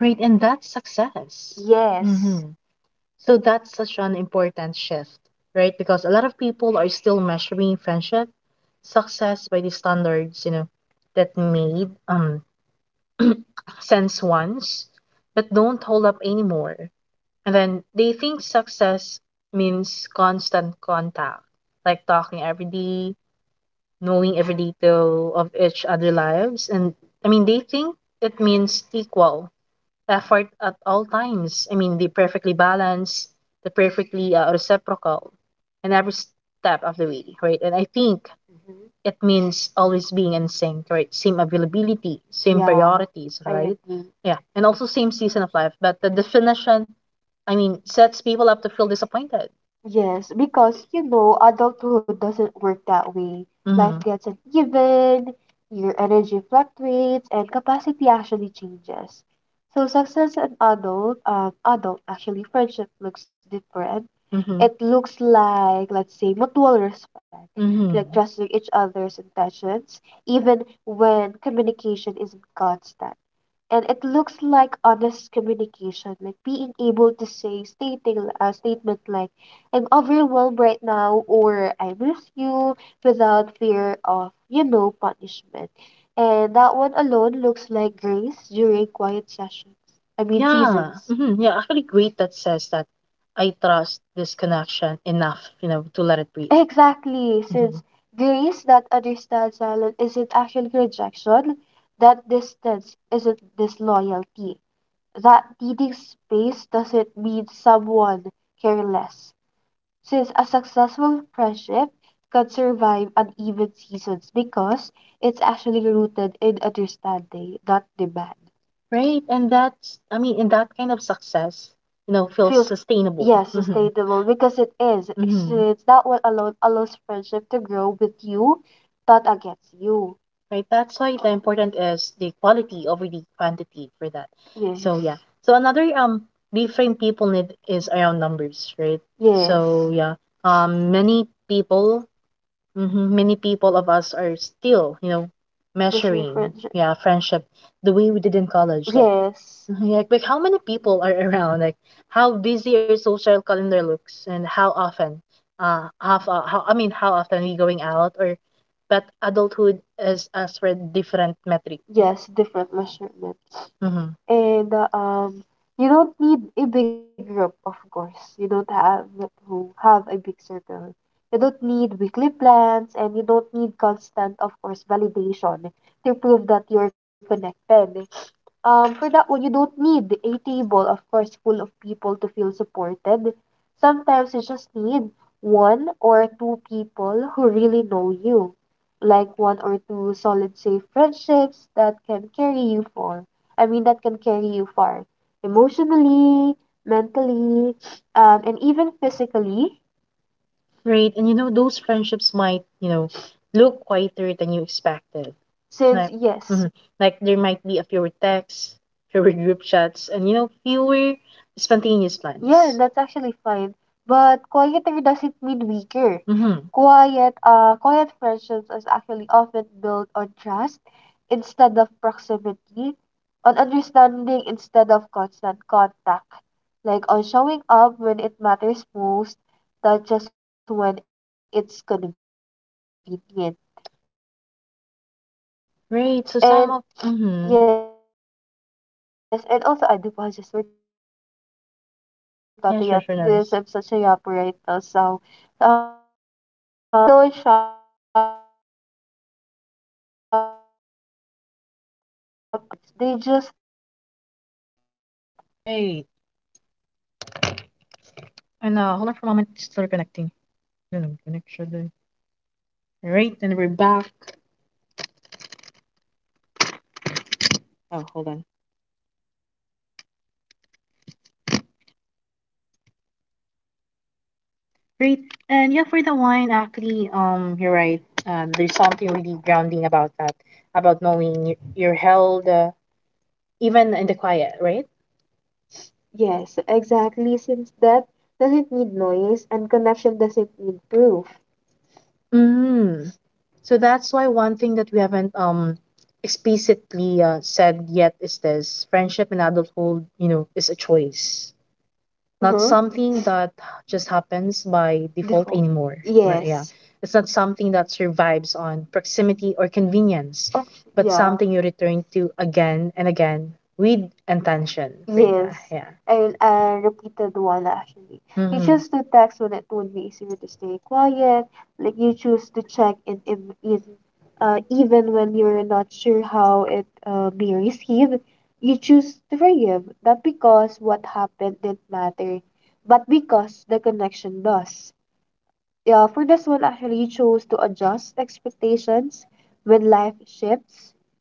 A: Right. And that's success. Mm-hmm. So that's such an important shift, right? Because a lot of people are still measuring friendship success by the standards, you know, that made um sense once, but don't hold up anymore. And then they think success means constant contact, like talking every day, knowing every detail of each other lives. And I mean, they think it means equal effort at all times. I mean, the perfectly balanced, the perfectly uh, reciprocal in every step of the way, right? And I think it means always being in sync, right? Same availability, same priorities, right? Yeah, and also same season of life. But the definition I mean, sets people up to feel disappointed. Life. Mm-hmm. Mm-hmm. Like. Mm-hmm. Like. Yeah. Mm-hmm. Yeah. Actually, great that says that I trust this connection enough, you know, to let it breathe. Hmm. Right. And that's, I mean, in that kind of success, you know, feels sustainable. Mm-hmm. It's, Mm-hmm. Right. That's why the important is the quality over the quantity for that. Yes. So Yes. yeah. So another um reframe people need is around numbers, right? Yes. So yeah. Um many people hmm Many people of us are still, you know, pushing measuring, yeah, friendship the way we did in college. Like, mhm, like, like how many people are around? Like, how busy your social calendar looks, and how often, uh, half, uh, how I mean, how often we going out or. But adulthood is as for different metric. Mhm. Right. And you know, those friendships might, you know, look quieter than you expected. Like, mhm, like there might be a fewer texts, fewer group chats, and you know, fewer spontaneous, yeah, plans. Mm-hmm. Right. So some of mm-hmm. Yeah, sure, sure, Nance. Right. And uh, hold on for a moment. Still reconnecting. No, no, connection. Right, and we're back. Oh, hold on. Great. And yeah, for the wine, actually, um, you're right. Um, there's something really grounding about that, about knowing y- you're held, uh, even in the quiet, right? Mm. So that's why one thing that we haven't um explicitly uh, said yet is this: friendship in adulthood, you know, is a choice. Not something that just happens by default anymore. But yeah, it's not something that survives on proximity or convenience, but something you return to again and again with intention, Reina. Yes. Yeah. You. Mm-hmm.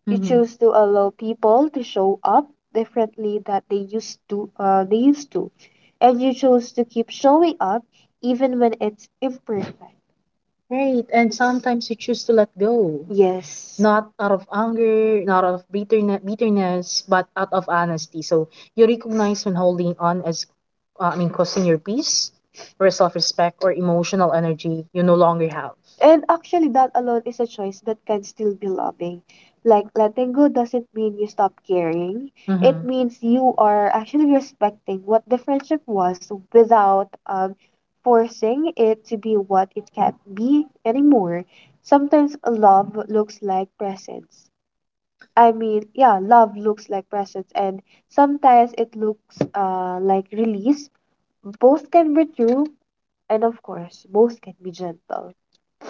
A: Mm-hmm. Right. And sometimes you choose to let go. Not out of anger, not out of bitterness, bitterness, but out of honesty. So you recognize when holding on as, uh, I mean, causing your peace or self-respect or emotional energy you no longer have. It. Mm-hmm.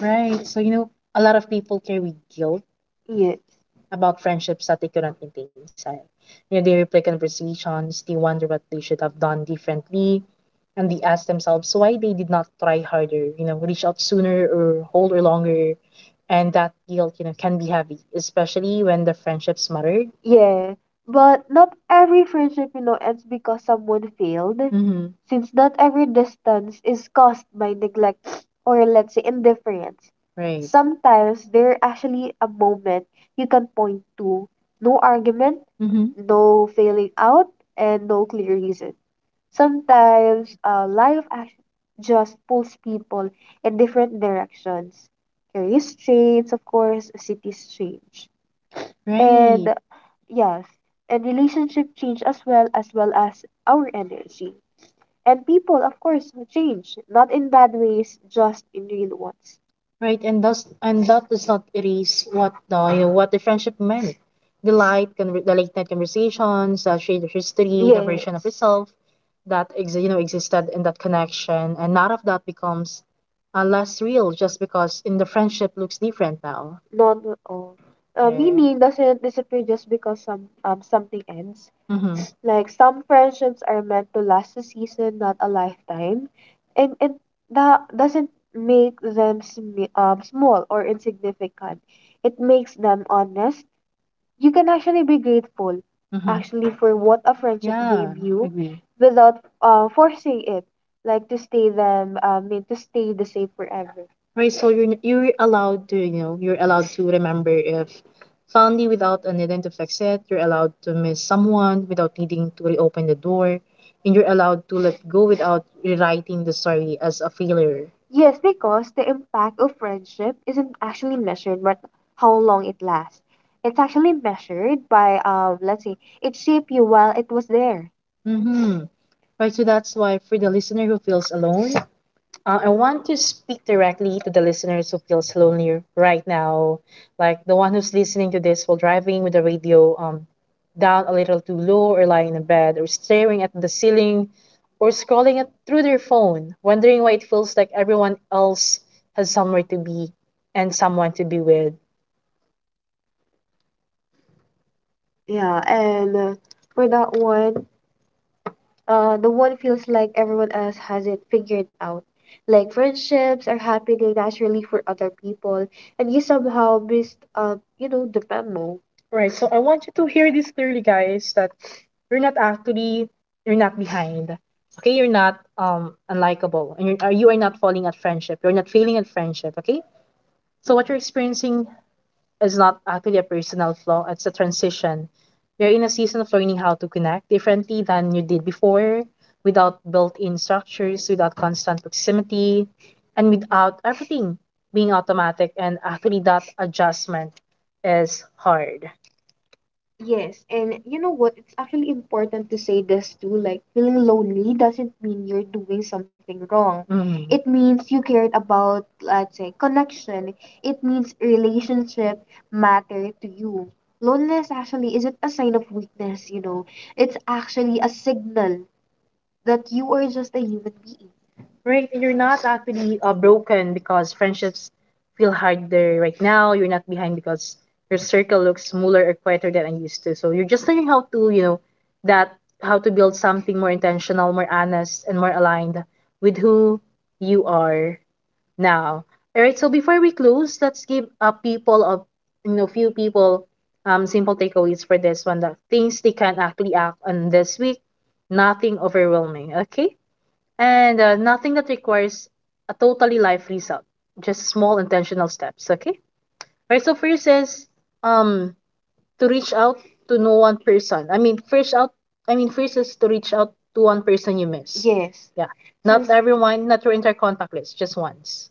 A: Right. So, you know, a lot of people carry guilt about friendships that they couldn't maintain inside. You know, they replay conversations, they wonder what they should have done differently, and they ask themselves why they did not try harder, you know, reach out sooner or hold or longer. And that guilt, you know, can be heavy, especially when the friendships mattered. Mm-hmm. Right. Mm-hmm. Right. Right, and thus and that does not erase what the you know, what the friendship meant. The light can the late night conversations, the shared history, the version of yourself that ex- you know existed in that connection, and none of that becomes uh, less real just because in the friendship looks different now. Yeah. Mm-hmm. Mm-hmm. Yeah. Agree. Right? So you're you're allowed to you know you're allowed to remember if fondly without an intent to fix it. You're allowed to miss someone without needing to reopen the door, and you're allowed to let go without rewriting the story as a failure. Mm-hmm. Right. So that's why for the listener who feels alone, Uh, I want to speak directly to the listeners who feels lonely right now, like the one who's listening to this while driving with the radio um down a little too low, or lying in the bed, or staring at the ceiling, or scrolling it through their phone, wondering why it feels like everyone else has somewhere to be and someone to be with. Right. So I want you to hear this clearly, guys, that you're not actually you're not behind. Okay, you're not um unlikable, and you're, uh, you are not falling at friendship. You're not failing at friendship. Okay. So what you're experiencing is not actually a personal flaw. It's a transition. You're in a season of learning how to connect differently than you did before, without built-in structures, without constant proximity, and without everything being automatic. And actually, that adjustment is hard. Mm. Right, you're not actually uh, broken because friendships feel harder right now. You're not behind because your circle looks smaller or quieter than I used to. So you're just learning how to, you know, that how to build something more intentional, more honest, and more aligned with who you are now. All right. So before we close, let's give a people of you know few people um simple takeaways for this one. The things they can actually act on this week. Nothing overwhelming. Okay. And uh, nothing that requires a totally life reset. Just small intentional steps. Okay. All right. So first is um to reach out to no one person. I mean first out. I mean first is to reach out to one person you miss. Yeah. Not everyone. Not your entire contact list. Just once.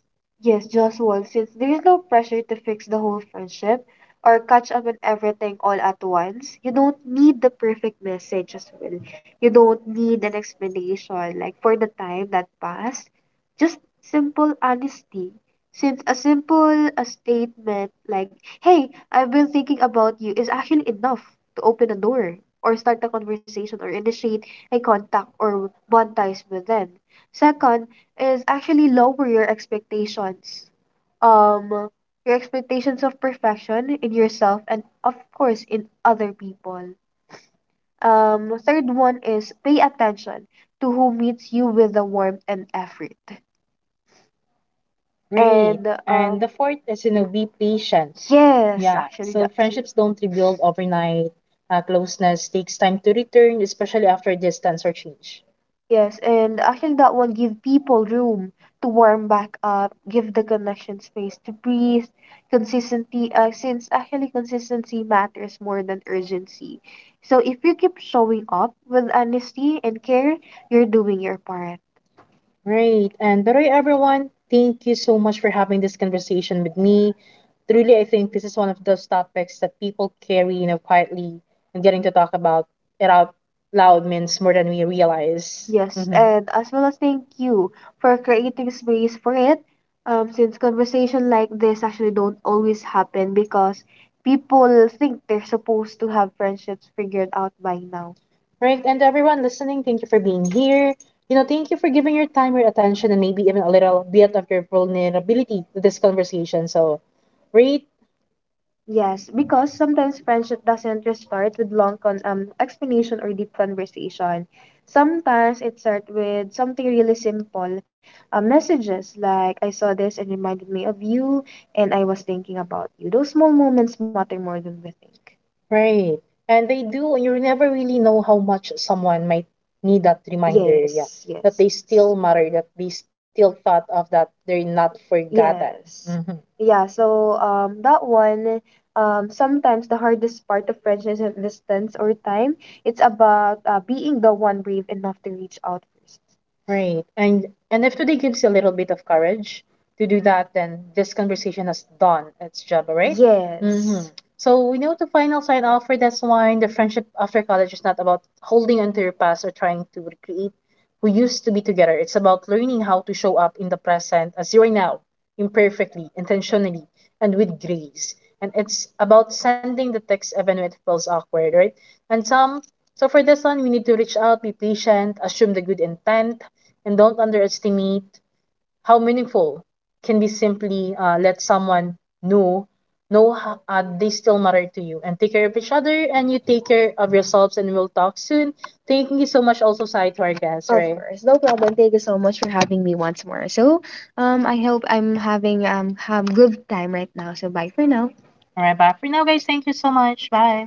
A: Really. And the fourth is, you know, be patient. Yeah. So it. Friendships don't rebuild overnight. Uh, closeness takes time to return, especially after distance or change. Right. And by the way, everyone, thank you so much for having this conversation with me. Truly, I think this is one of those topics that people carry, you know, quietly, and getting to talk about it out loud means more than we realize. Hmm. Right, and everyone listening, thank you for being here. You know, thank you for giving your time, your attention, and maybe even a little bit of your vulnerability to this conversation. So, right, right. And they do, and you never really know how much someone might need that reminder, yeah, that they still matter, that they still thought of, that they're not forgotten. Hmm. Right. And and if today gives you a little bit of courage to do that, then this conversation has done its job, right? Mm-hmm. So we know the final sign off for this one. The friendship after college is not about holding onto your past or trying to recreate who used to be together. It's about learning how to show up in the present as you are now, imperfectly, intentionally, and with grace. And it's about sending the text even when it feels awkward, right? And some so for this one, we need to reach out, be patient, assume the good intent, and don't underestimate how meaningful can be simply uh, let someone know know ho- uh, they still matter to you, and take care of each other, and you take care of yourselves, and we'll talk soon. Thank you so much also sai to our guests, right. All right, bye for now, guys. Thank you so much. Bye.